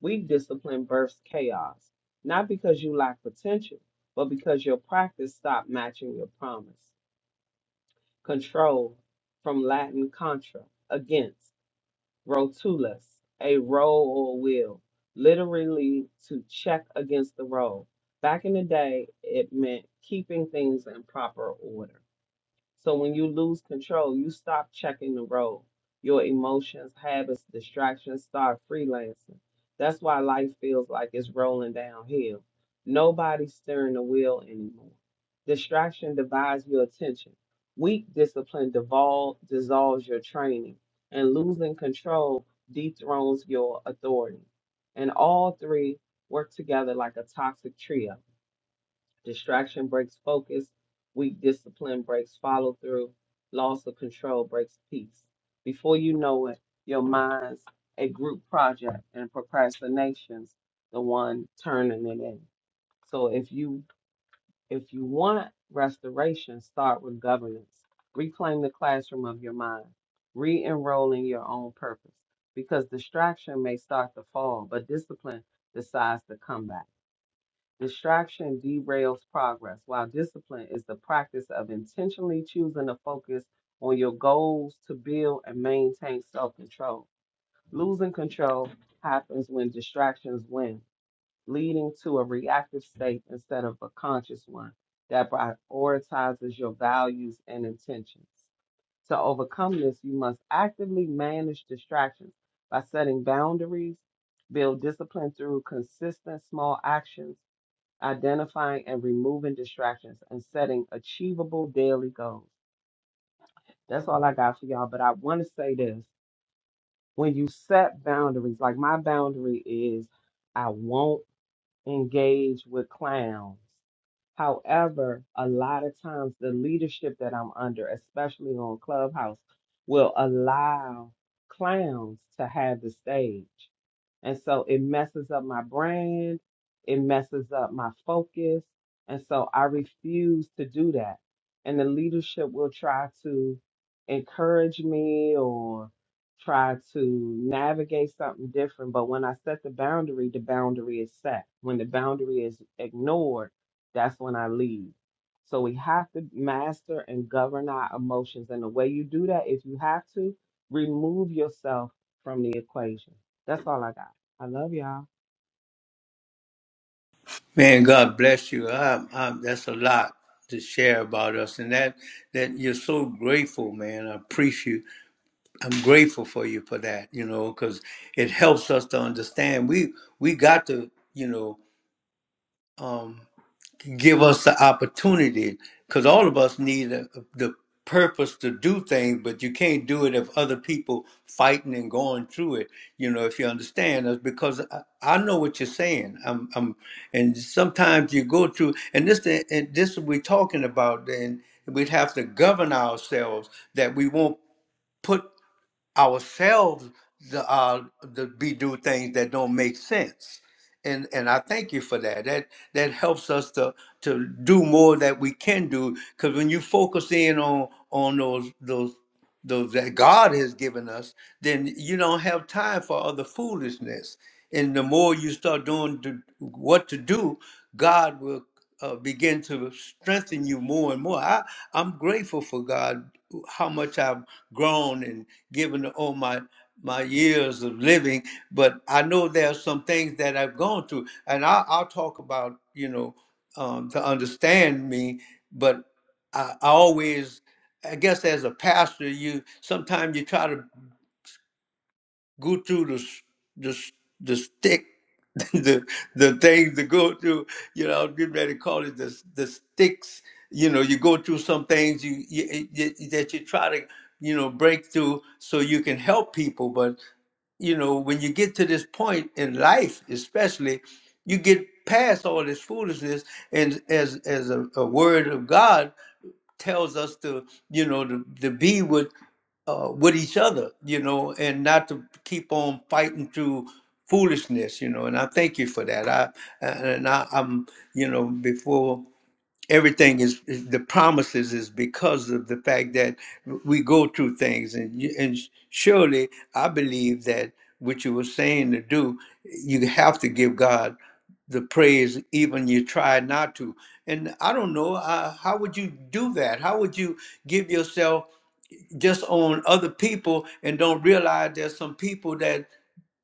Speaker 2: Weak discipline births chaos, not because you lack potential, but because your practice stopped matching your promise. Control from Latin contra, against. Rotulus, a roll or wheel, literally to check against the roll. Back in the day, it meant keeping things in proper order. So when you lose control, you stop checking the road. Your emotions, habits, distractions start freelancing. That's why life feels like it's rolling downhill. Nobody's steering the wheel anymore. Distraction divides your attention. Weak discipline devol- dissolves your training, and losing control dethrones your authority. And all three work together like a toxic trio. Distraction breaks focus. Weak discipline breaks follow through. Loss of control breaks peace. Before you know it, your mind's a group project and procrastination's the one turning it in. So if you if you want restoration, start with governance. Reclaim the classroom of your mind. Re-enroll in your own purpose. Because distraction may start to fall, but discipline decides to come back. Distraction derails progress, while discipline is the practice of intentionally choosing to focus on your goals to build and maintain self control. Losing control happens when distractions win, leading to a reactive state instead of a conscious one that prioritizes your values and intentions. To overcome this, you must actively manage distractions by setting boundaries, build discipline through consistent small actions identifying and removing distractions, and setting achievable daily goals. That's all I got for y'all. But I want to say this when you set boundaries, like my boundary is I won't engage with clowns. However, a lot of times the leadership that I'm under, especially on Clubhouse, will allow clowns to have the stage. And so it messes up my brand, it messes up my focus. And so I refuse to do that. And the leadership will try to encourage me or try to navigate something different. But when I set the boundary, the boundary is set. When the boundary is ignored, that's when I leave. So we have to master and govern our emotions. And the way you do that, if you have to, remove yourself from the equation. That's all I got. I love y'all.
Speaker 1: Man, God bless you. I, I, that's a lot to share about us, and that that you're so grateful, man. I appreciate. you. I'm grateful for you for that, you know, because it helps us to understand. We we got to, you know. um, give us the opportunity because all of us need a, the purpose to do things but you can't do it if other people fighting and going through it you know if you understand us because I, I know what you're saying I'm, I'm and sometimes you go through and this the- and this we're talking about and we'd have to govern ourselves that we won't put ourselves the uh the be do things that don't make sense and and i thank you for that that that helps us to to do more that we can do because when you focus in on on those those those that god has given us then you don't have time for other foolishness and the more you start doing to, what to do, God will uh, begin to strengthen you more and more. I, I'm grateful for God how much I've grown and given all my my years of living, but I know there are some things that I've gone through, and I, I'll talk about you know um, to understand me, but I, I always I guess as a pastor, you sometimes you try to go through the s- the s- the stick, *laughs* the the things to go through. You know, I was getting ready to call it the s- the sticks. You know, you go through some things you, you, you that you try to you know break through so you can help people. But you know, when you get to this point in life, especially, you get past all this foolishness, and as as a, a word of God tells us to, you know, to, to be with uh, with each other, you know, and not to keep on fighting through foolishness, you know. And I thank you for that. I and I, I'm, you know, before everything is is- the promises is because of the fact that we go through things and you- and surely i believe that what you were saying to do you have to give god the praise even you try not to and i don't know uh, how would you do that how would you give yourself just on other people and don't realize there's some people that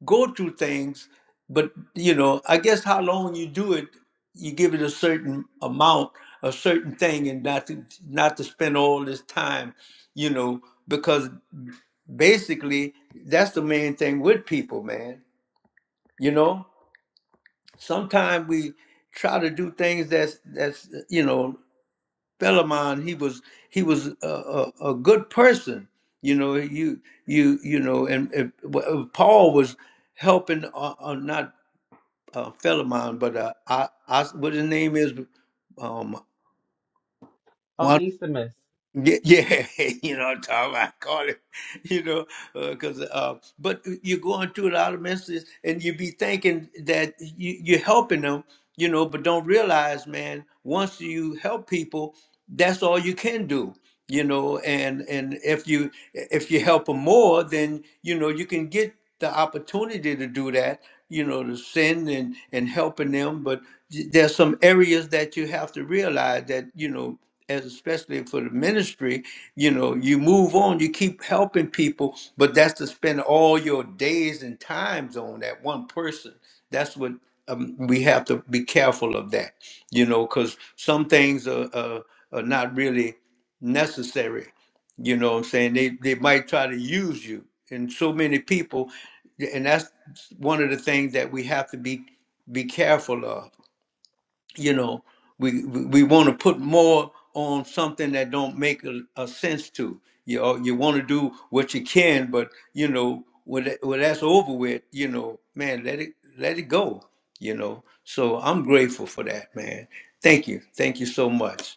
Speaker 1: go through things but you know i guess how long you do it you give it a certain amount a certain thing and not to not to spend all this time you know because basically that's the main thing with people man you know sometimes we try to do things that's that's you know Philemon, he was he was a, a, a good person. You know, you you you know, and, and uh, Paul was helping uh, uh, not uh, Philemon, but uh, I, I what his name is, um,
Speaker 2: Oh Onesimus,
Speaker 1: yeah, yeah, *laughs* you know, what i call it, you know, because uh, 'cause, uh, but you're going through a lot of messages, and you be thinking that you, you're helping them, you know, but don't realize, man, once you help people, that's all you can do, you know, and and if you if you help them more, then you know you can get the opportunity to do that, you know, to send and and helping them, but there's some areas that you have to realize that you know as especially for the ministry, you know, you move on, you keep helping people, but that's to spend all your days and times on that one person. That's what um, we have to be careful of that, you know, because some things are, are, are not really necessary. You know what I'm saying? They, they might try to use you. And so many people, and that's one of the things that we have to be be careful of you know we we we want to put more on something that don't make a, a sense to you know, you want to do what you can but you know when, that, when that's over with you know man let it let it go you know so i'm grateful for that man thank you thank you so much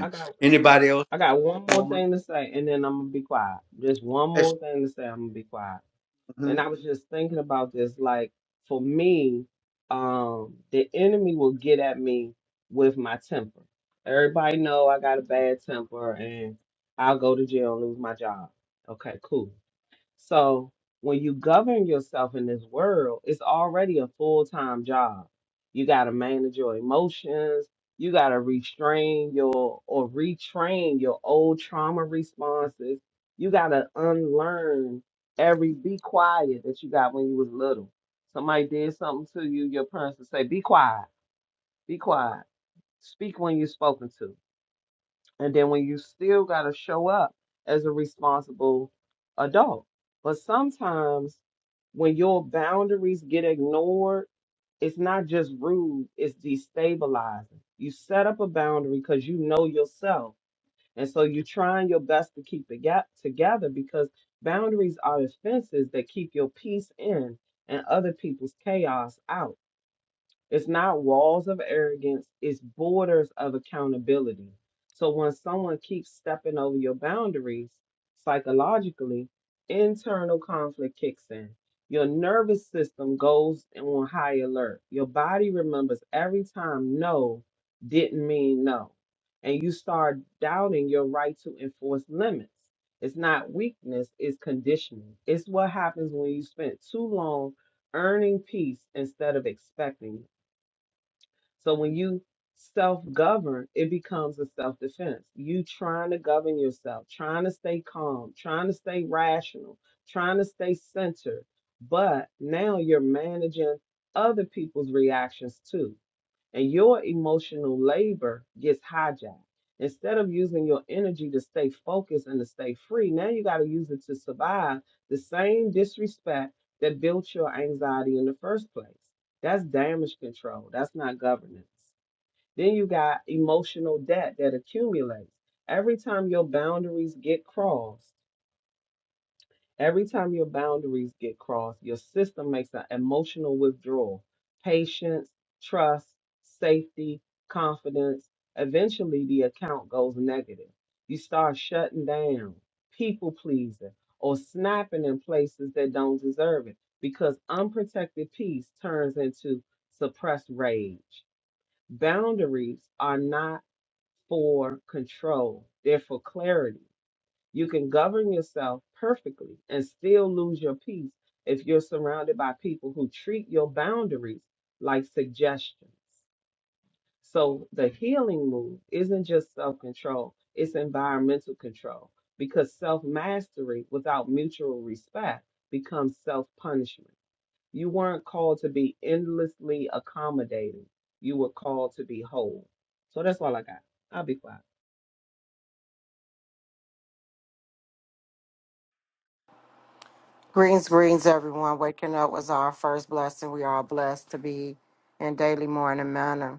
Speaker 2: I got
Speaker 1: anybody else
Speaker 2: I got one more
Speaker 1: moment
Speaker 2: thing to say, and then I'm gonna be quiet. Just one
Speaker 1: yes,
Speaker 2: more thing to say. I'm gonna be quiet. And
Speaker 1: mhm.
Speaker 2: I was just thinking about this. Like for me, um, the enemy will get at me with my temper. Everybody know I got a bad temper, and I'll go to jail and lose my job. Okay, cool. So when you govern yourself in this world, it's already a full time job. You got to manage your emotions. You got to restrain your or retrain your old trauma responses. You got to unlearn every be quiet that you got when you was little. Somebody did something to you, your parents would say, be quiet, be quiet, speak when you're spoken to. And then when you still got to show up as a responsible adult. But sometimes when your boundaries get ignored, it's not just rude, it's destabilizing. You set up a boundary because you know yourself. And so you're trying your best to keep it get together because boundaries are the fences that keep your peace in and other people's chaos out. It's not walls of arrogance, it's borders of accountability. So when someone keeps stepping over your boundaries psychologically, internal conflict kicks in. Your nervous system goes on high alert. Your body remembers every time no didn't mean no. And you start doubting your right to enforce limits. It's not weakness, it's conditioning. It's what happens when you spent too long earning peace instead of expecting it. So when you self govern, it becomes a self defense. You trying to govern yourself, trying to stay calm, trying to stay rational, trying to stay centered. But now you're managing other people's reactions too and your emotional labor gets hijacked. Instead of using your energy to stay focused and to stay free, now you got to use it to survive the same disrespect that built your anxiety in the first place. That's damage control, that's not governance. Then you got emotional debt that accumulates. Every time your boundaries get crossed, Every time your boundaries get crossed, your system makes an emotional withdrawal. Patience, trust, safety, confidence. Eventually, the account goes negative. You start shutting down, people pleasing, or snapping in places that don't deserve it because unprotected peace turns into suppressed rage. Boundaries are not for control, they're for clarity. You can govern yourself perfectly and still lose your peace if you're surrounded by people who treat your boundaries like suggestions. So the healing move isn't just self control, it's environmental control because self mastery without mutual respect becomes self punishment. You weren't called to be endlessly accommodating, you were called to be whole. So that's all I got. I'll be quiet.
Speaker 3: Greetings, greetings, everyone. Waking up was our first blessing. We are blessed to be in daily morning manner.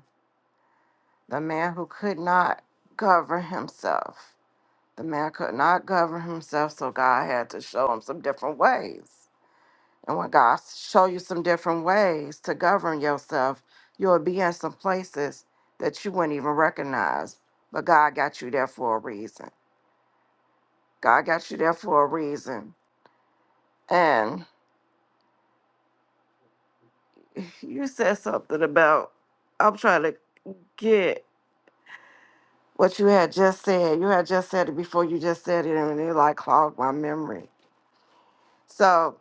Speaker 3: The man who could not govern himself, the man could not govern himself, so God had to show him some different ways. And when God show you some different ways to govern yourself, you'll be in some places that you wouldn't even recognize. But God got you there for a reason. God got you there for a reason. And *laughs* you said something about I'm trying to. get what you had just said. You had just said it before you just said it, and it like clogged my memory. So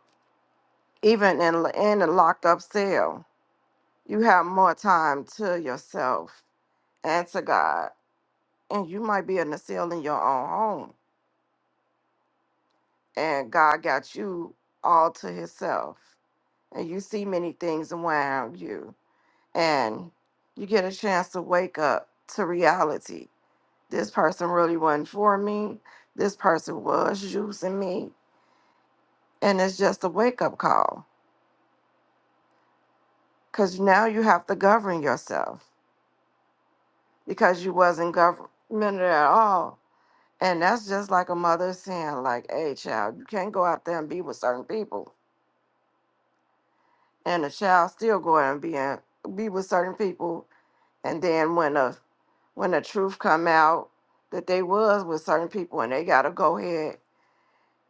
Speaker 3: even in in a locked up cell, you have more time to yourself and to God, and you might be in a cell in your own home, and God got you all to Himself, and you see many things around you, and you get a chance to wake up to reality. This person really wasn't for me. This person was using me and it's just a wake-up call because now you have to govern yourself because you wasn't governmented at all and that's just like a mother saying like hey child you can't go out there and be with certain people and the child still go out and be, in, be with certain people and then when the when the truth come out that they was with certain people and they gotta go ahead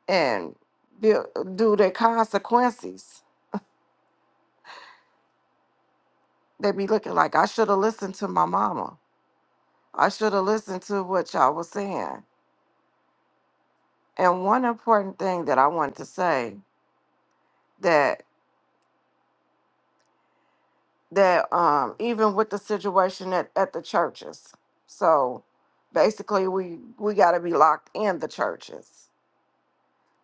Speaker 3: and be, do their consequences they be looking like i should have listened to my mama I should have listened to what y'all was saying. And one important thing that I wanted to say that that um even with the situation at, at the churches, so basically we we gotta be locked in the churches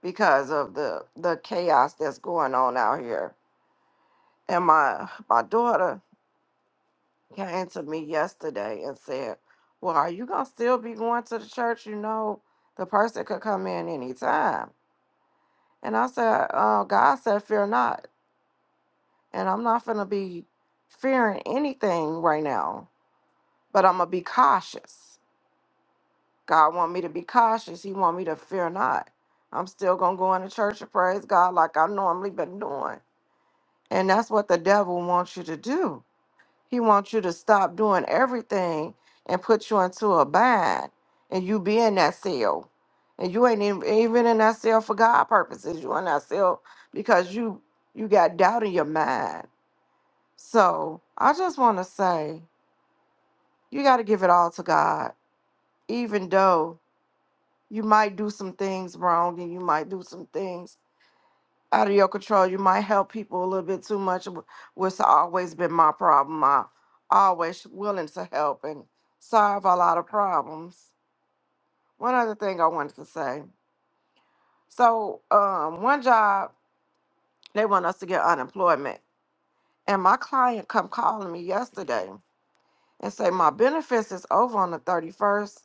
Speaker 3: because of the the chaos that's going on out here. And my my daughter came to me yesterday and said, Well, are you gonna still be going to the church? You know, the person could come in anytime. And I said, uh, God said, Fear not. and I'm not gonna be fearing anything right now, but I'm gonna be cautious. God want me to be cautious. He want me to fear not. I'm still gonna go into church and praise God like I normally been doing. And that's what the devil wants you to do. He wants you to stop doing everything and put you into a bind and you be in that cell. And you ain't even even in that cell for God purposes. You in that cell because you you got doubt in your mind So I just want to say you got to give it all to God, even though you might do some things wrong and you might do some things out of your control. You might help people a little bit too much, wh- which always been my problem. I always willing to help and solve a lot of problems. One other thing I wanted to say. So um, one job they want us to get unemployment, and my client come calling me yesterday and say my benefits is over on the 31st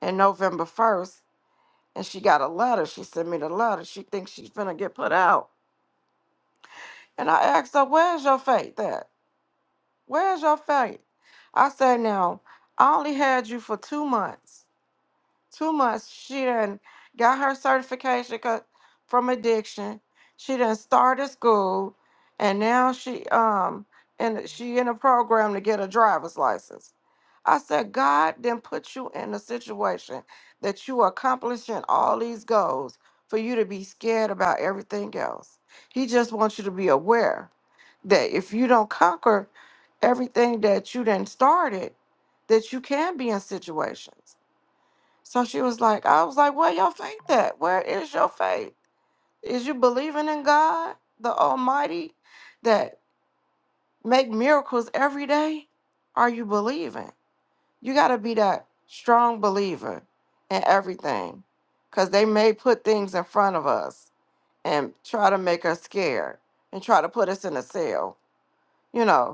Speaker 3: and November 1st, and she got a letter. She sent me the letter. She thinks she's finna get put out. And I asked her, Where's your faith at? Where's your faith? I said, Now, I only had you for two months. Too much. She done got her certification co- from addiction. She done started school, and now she um and she in a program to get a driver's license. I said, God then put you in a situation that you are accomplishing all these goals for you to be scared about everything else. He just wants you to be aware that if you don't conquer everything that you done started, that you can be in situations. So she was like, I was like, where your faith at? Where is your faith? Is you believing in God, the Almighty, that make miracles every day? Are you believing? You got to be that strong believer in everything because they may put things in front of us and try to make us scared and try to put us in a cell, you know.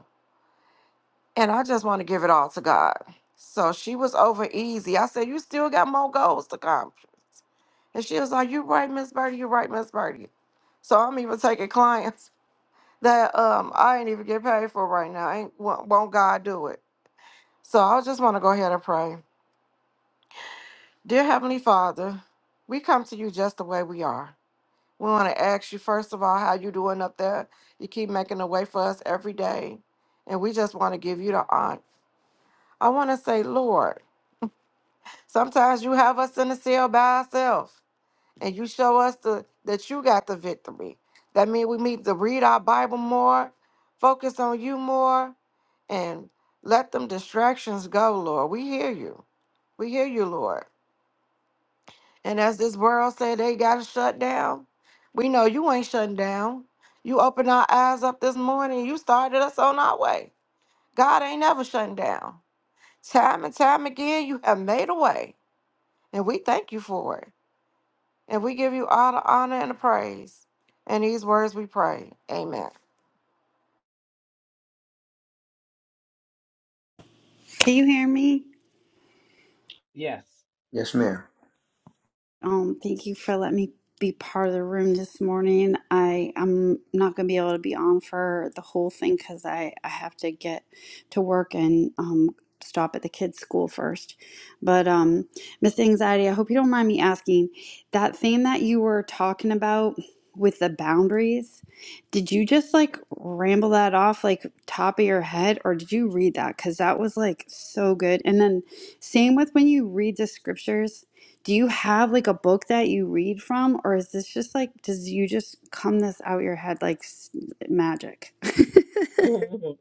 Speaker 3: and I just want to give it all to God. So she was over easy. I said, You still got more goals to accomplish. And she was like, You right, Miss Birdie, you right, Miss Birdie. So I'm even taking clients *laughs* that um I ain't even get paid for right now. Ain't won't won't God do it. So I just want to go ahead and pray. Dear Heavenly Father, we come to you just the way we are. We want to ask you first of all how you doing up there. You keep making a way for us every day. And we just want to give you the honor. I want to say, Lord, Sometimes you have us in the cell by ourselves and you show us the, that you got the victory. That means we need to read our Bible more, focus on you more, and let them distractions go, Lord. We hear you. We hear you, Lord. And as this world say they got to shut down, we know you ain't shutting down. You opened our eyes up this morning. You started us on our way. God ain't never shutting down. Time and time again, you have made a way, and we thank you for it. And we give you all the honor and the praise. In these words we pray. Amen.
Speaker 4: Can you hear me?
Speaker 2: Yes.
Speaker 1: yes ma'am
Speaker 4: Um, thank you for letting me be part of the room this morning. I I'm not gonna be able to be on for the whole thing because I I have to get to work and um stop at the kids' school first. But um, Miss Anxiety, I hope you don't mind me asking that thing that you were talking about with the boundaries. Did you just like ramble that off like top of your head, or did you read that? Because that was like so good. And then same with when you read the scriptures Do you have like a book that you read from, or is this just like, does you just come this out your head like s- magic?
Speaker 2: *laughs* First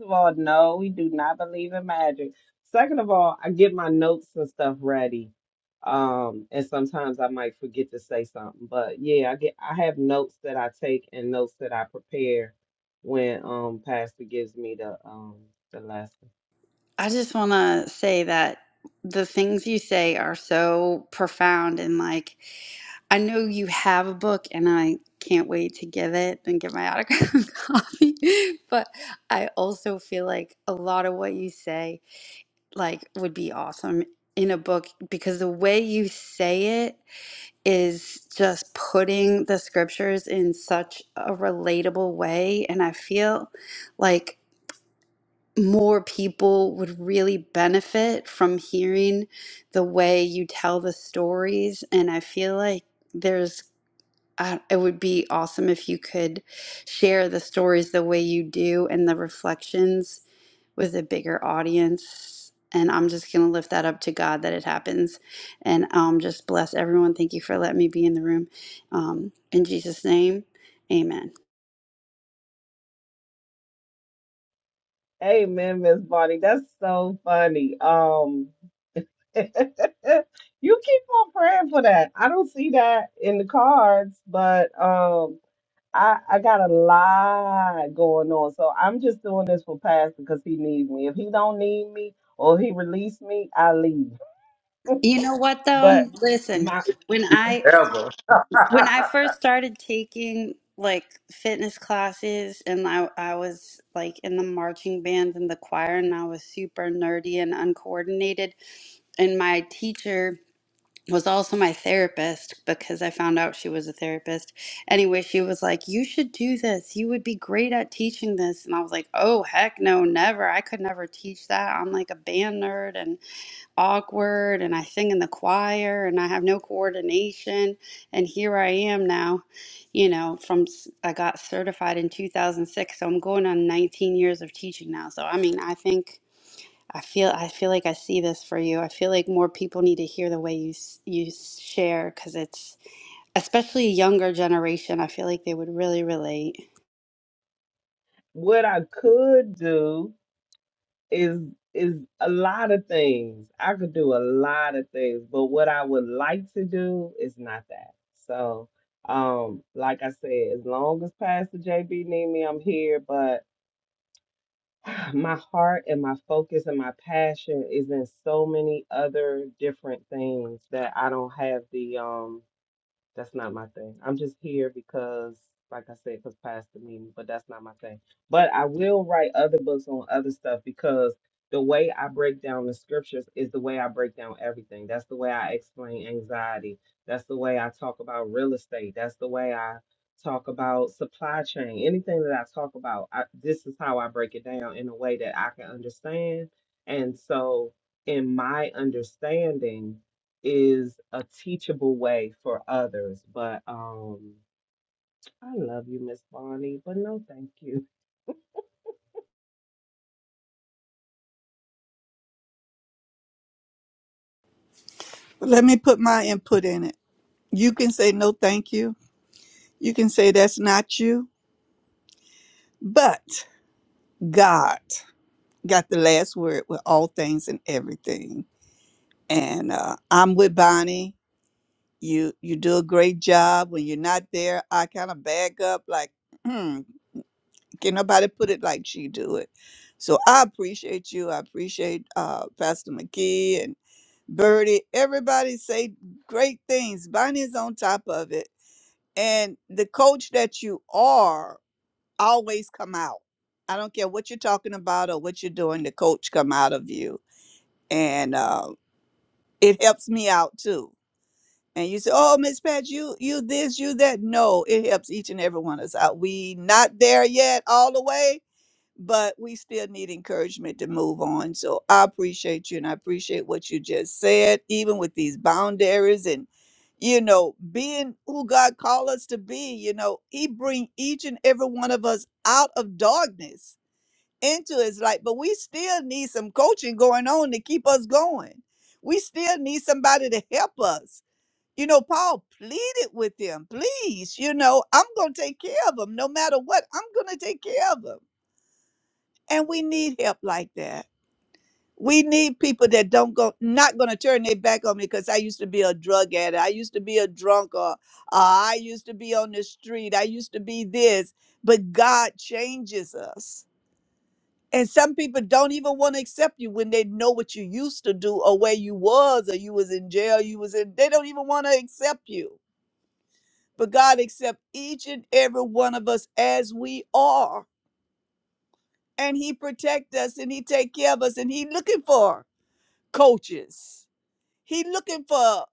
Speaker 2: of all, no, we do not believe in magic. Second of all, I get my notes and stuff ready. Um, and sometimes I might forget to say something. But yeah, I get I have notes that I take and notes that I prepare when um Pastor gives me the um the lesson.
Speaker 4: *laughs* I just want to say that the things you say are so profound, and like, I know you have a book, and I can't wait to get it and get my autographed *laughs* copy. But I also feel like a lot of what you say, like, would be awesome in a book because the way you say it is just putting the scriptures in such a relatable way. And I feel like more people would really benefit from hearing the way you tell the stories. And I feel like. there's. I, it would be awesome if you could share the stories the way you do and the reflections with a bigger audience. And I'm just going to lift that up to God that it happens. And um, just bless everyone. Thank you for letting me be in the room. Um, in Jesus' name, amen.
Speaker 2: Amen, Miss Bonnie. That's so funny. Um *laughs* you keep on praying for that. I don't see that in the cards, but um, I, I got a lot going on, so I'm just doing this for Pastor because he needs me. If he don't need me or he release me, I leave. *laughs*
Speaker 4: You know what,
Speaker 2: But
Speaker 4: though? Listen,
Speaker 2: my
Speaker 4: when I,
Speaker 1: ever
Speaker 4: When
Speaker 1: *laughs*
Speaker 4: I first started taking like fitness classes and I, I was like in the marching band and the choir and I was super nerdy and uncoordinated and my teacher was also my therapist because I found out she was a therapist. Anyway, she was like, "You should do this. You would be great at teaching this." And I was like, "Oh, heck no, never. I could never teach that. I'm like a band nerd and." awkward and I sing in the choir and I have no coordination. And here I am now, you know, from I got certified in 2006. So I'm going on 19 years of teaching now. So I mean, I think I feel I feel like I see this for you. I feel like more people need to hear the way you s- you s- share because it's especially a younger generation. I feel like they would really relate.
Speaker 2: what I could do is is a lot of things. I could do a lot of things, but what I would like to do is not that. So, um, like I said, as long as Pastor JB need me, I'm here. But my heart and my focus and my passion is in so many other different things that I don't have the um that's not my thing. I'm just here because, like I said, because Pastor me, but that's not my thing. But I will write other books on other stuff because the way I break down the scriptures is the way I break down everything. That's the way I explain anxiety. That's the way I talk about real estate. That's the way I talk about supply chain. Anything that I talk about, I, this is how I break it down in a way that I can understand. And so, in my understanding, is a teachable way for others. But um, I love you, Miss Bonnie, but no, thank you.
Speaker 5: Let me put my input in it. You can say no, thank you. You can say that's not you. But God got the last word with all things and everything. And uh, I'm with Bonnie. You you do a great job. When you're not there, I kind of bag up like, hmm, can nobody put it like she do it? So I appreciate you. I appreciate uh, Pastor McKee and Birdie. Everybody say great things. Bonnie's on top of it and the coach that you are always come out i don't care what you're talking about or what you're doing the coach come out of you and uh, it helps me out too and you say oh miss pat you you this you that no it helps each and every one of us out we not there yet all the way but we still need encouragement to move on. So I appreciate you and I appreciate what you just said, even with these boundaries and you know, being who God called us to be, you know, He bring each and every one of us out of darkness into His light. But we still need some coaching going on to keep us going. We still need somebody to help us. You know, Paul pleaded with them, please, you know, I'm going to take care of them no matter what. I'm going to take care of them and we need help like that. We need people that don't go, not going to turn their back on me because I used to be a drug addict. I used to be a drunk, or uh, I used to be on the street. I used to be this. But God changes us. And some people don't even want to accept you when they know what you used to do or where you was or you was in jail, you was in, they don't even want to accept you. But God accept each and every one of us as we are. And he protect us and he take care of us and he looking for us. coaches. He looking for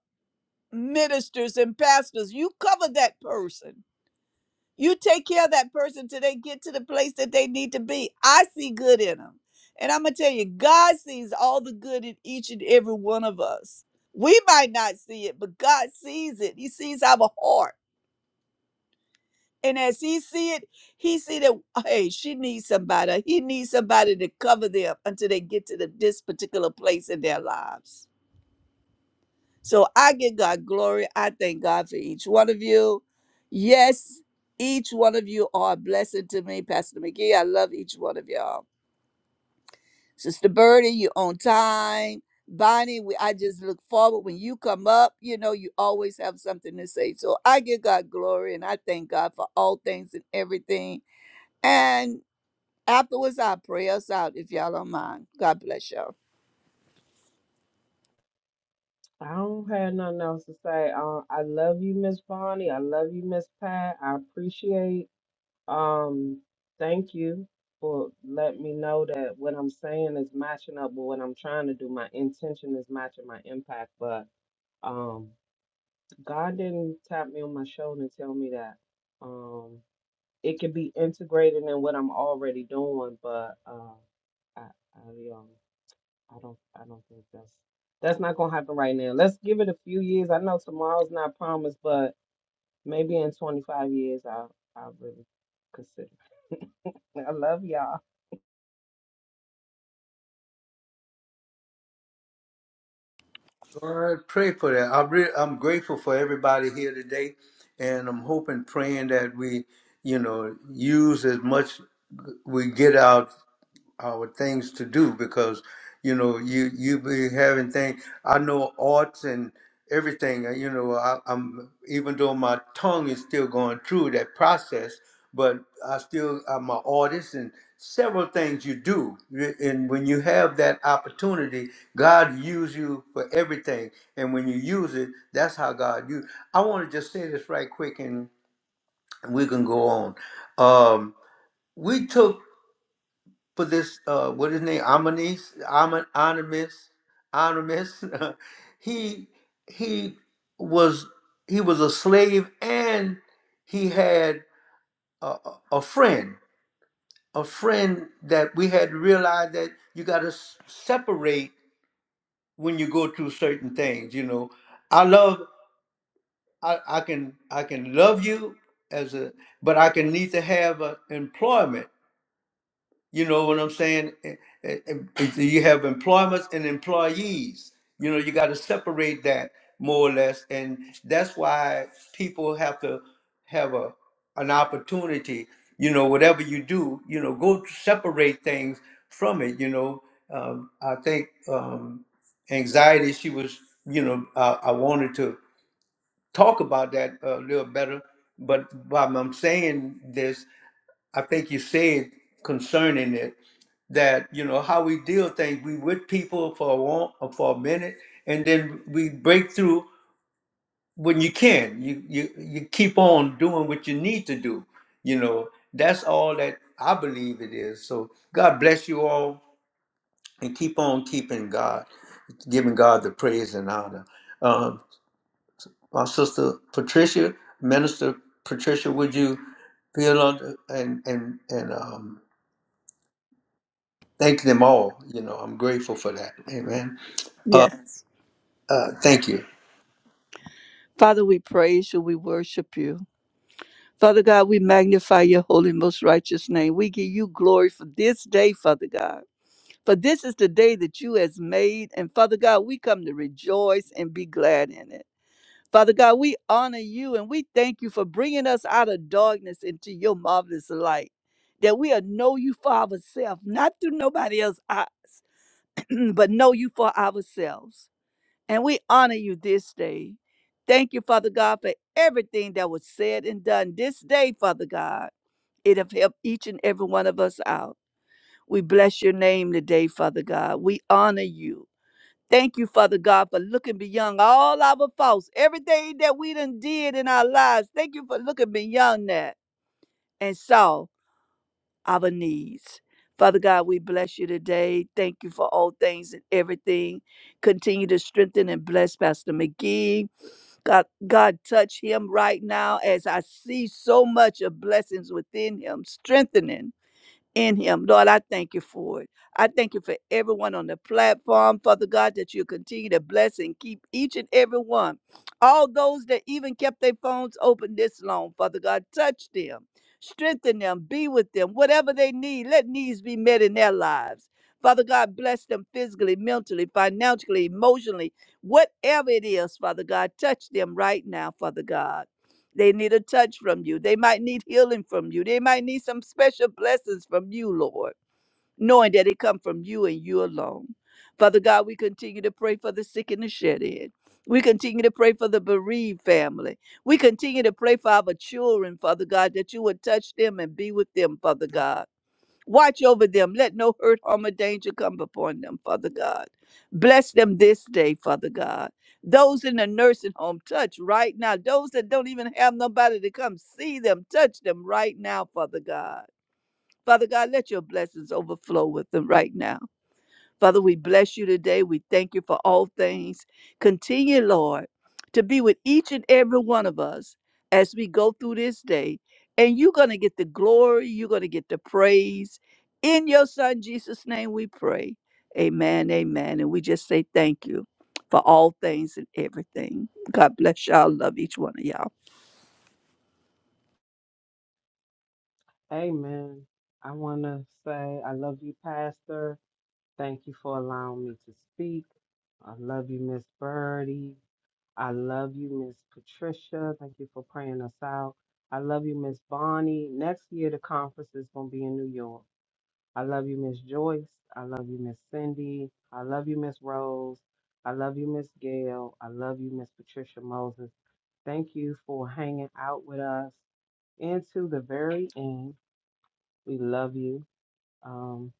Speaker 5: ministers and pastors. You cover that person. You take care of that person till they get to the place that they need to be. I see good in them. And I'm going to tell you, God sees all the good in each and every one of us. We might not see it, but God sees it. He sees our heart. And as he see it, he see that, hey, she needs somebody. He needs somebody to cover them until they get to the, this particular place in their lives. So I give God glory. I thank God for each one of you. Yes, each one of you are a blessing to me. Pastor McGee, I love each one of y'all. Sister Birdie, you on time. Bonnie, we, I just look forward when you come up. You know, you always have something to say. So I give God glory and I thank God for all things and everything. And afterwards, I'll pray us out if y'all don't mind. God bless y'all.
Speaker 2: I don't have nothing else to say. Uh, I love you, Miss Bonnie. I love you, Miss Pat. I appreciate. Um, thank you for letting me know that what I'm saying is matching up with what I'm trying to do. My intention is matching my impact, but um, God didn't tap me on my shoulder and tell me that. um. it could be integrated in what I'm already doing, but uh, I, I, um, I don't, I don't think that's that's not gonna happen right now. Let's give it a few years. I know tomorrow's not promised, but maybe in 25 years, I, I really consider. I love y'all.
Speaker 1: Lord, pray for that. I'm re- I'm grateful for everybody here today, and I'm hoping, praying that we, you know, use as much we get out our things to do because you know you you be having things i know arts and everything uh, you know I, i'm even though my tongue is still going through that process but i still i'm an artist and several things you do Y- and when you have that opportunity god use you for everything and when you use it that's how god you i want to just say this right quick and we can go on um we took for this uh what is his name Amanis Amin Animus Animus *laughs* he he was he was a slave and he had a, a a friend a friend that we had to realize that you got to separate when you go through certain things you know I love I, I can I can love you as a but I can need to have a employment You know what I'm saying? Eh, eh, eh, You have employments and employees. You know, you got to separate that more or less, and that's why people have to have a an opportunity. You know, whatever you do, you know, go separate things from it. You know, um, I think um, anxiety. She was, you know, I, I wanted to talk about that a little better, but while I'm saying this, I think you said concerning it that you know how we deal things. We with people for a long, for a minute, and then we break through when you can. You you you keep on doing what you need to do. You know that's all that I believe it is. So God bless you all, and keep on keeping God, giving God the praise and honor. Um, my sister Patricia, Minister Patricia, would you feel under and and and um, thank them all? You know I'm grateful for that. Amen. Uh,
Speaker 5: Yes.
Speaker 1: Uh, Thank you.
Speaker 5: Father, we praise you. We worship you. Father God, we magnify your holy, most righteous name. We give you glory for this day, Father God. For this is the day that you has made. And Father God, we come to rejoice and be glad in it. Father God, we honor you and we thank you for bringing us out of darkness into your marvelous light. That we'll know you for ourselves, not through nobody else's eyes, *clears throat* but know you for ourselves. And we honor you this day. Thank you, Father God, for everything that was said and done this day, Father God. It have helped each and every one of us out. We bless your name today, Father God. We honor you. Thank you, Father God, for looking beyond all our faults, everything that we done did in our lives. Thank you for looking beyond that and saw our needs. Father God, we bless you today. Thank you for all things and everything. Continue to strengthen and bless Pastor McGee. God, God, touch him right now as I see so much of blessings within him, strengthening in him. Lord, I thank you for it. I thank you for everyone on the platform, Father God, that you continue to bless and keep each and every one. All those that even kept their phones open this long, Father God, touch them, strengthen them, be with them, whatever they need, let needs be met in their lives. Father God, bless them physically, mentally, financially, emotionally, whatever it is, Father God, touch them right now, Father God. They need a touch from you. They might need healing from you. They might need some special blessings from you, Lord, knowing that they come from you and you alone. Father God, we continue to pray for the sick and the shed in. We continue to pray for the bereaved family. We continue to pray for our children, Father God, that you would touch them and be with them, Father God. Watch over them. Let no hurt, harm, or danger come upon them, Father God. Bless them this day, Father God. Those in the nursing home, touch right now. Those that don't even have nobody to come see them, touch them right now, Father God. Father God, let your blessings overflow with them right now. Father, we bless you today. We thank you for all things. Continue, Lord, to be with each and every one of us as we go through this day. And you're going to get the glory, you're going to get the praise. In your Son, Jesus' name, we pray. Amen, amen. And we just say thank you for all things and everything. God bless y'all. Love each one of y'all.
Speaker 2: Amen. I want to say I love you, Pastor. Thank you for allowing me to speak. I love you, Miss Birdie. I love you, Miss Patricia. Thank you for praying us out. I love you, Miss Bonnie. Next year, the conference is going to be in New York. I love you, Miss Joyce. I love you, Miss Cindy. I love you, Miss Rose. I love you, Miss Gail. I love you, Miss Patricia Moses. Thank you for hanging out with us into the very end. We love you. Um,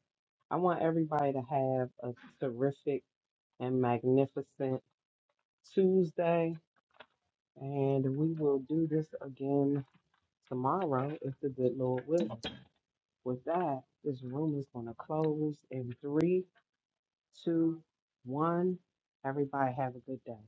Speaker 2: I want everybody to have a terrific and magnificent Tuesday, and we will do this again tomorrow, if the good Lord wills. With that, this room is going to close in three, two, one. Everybody have a good day.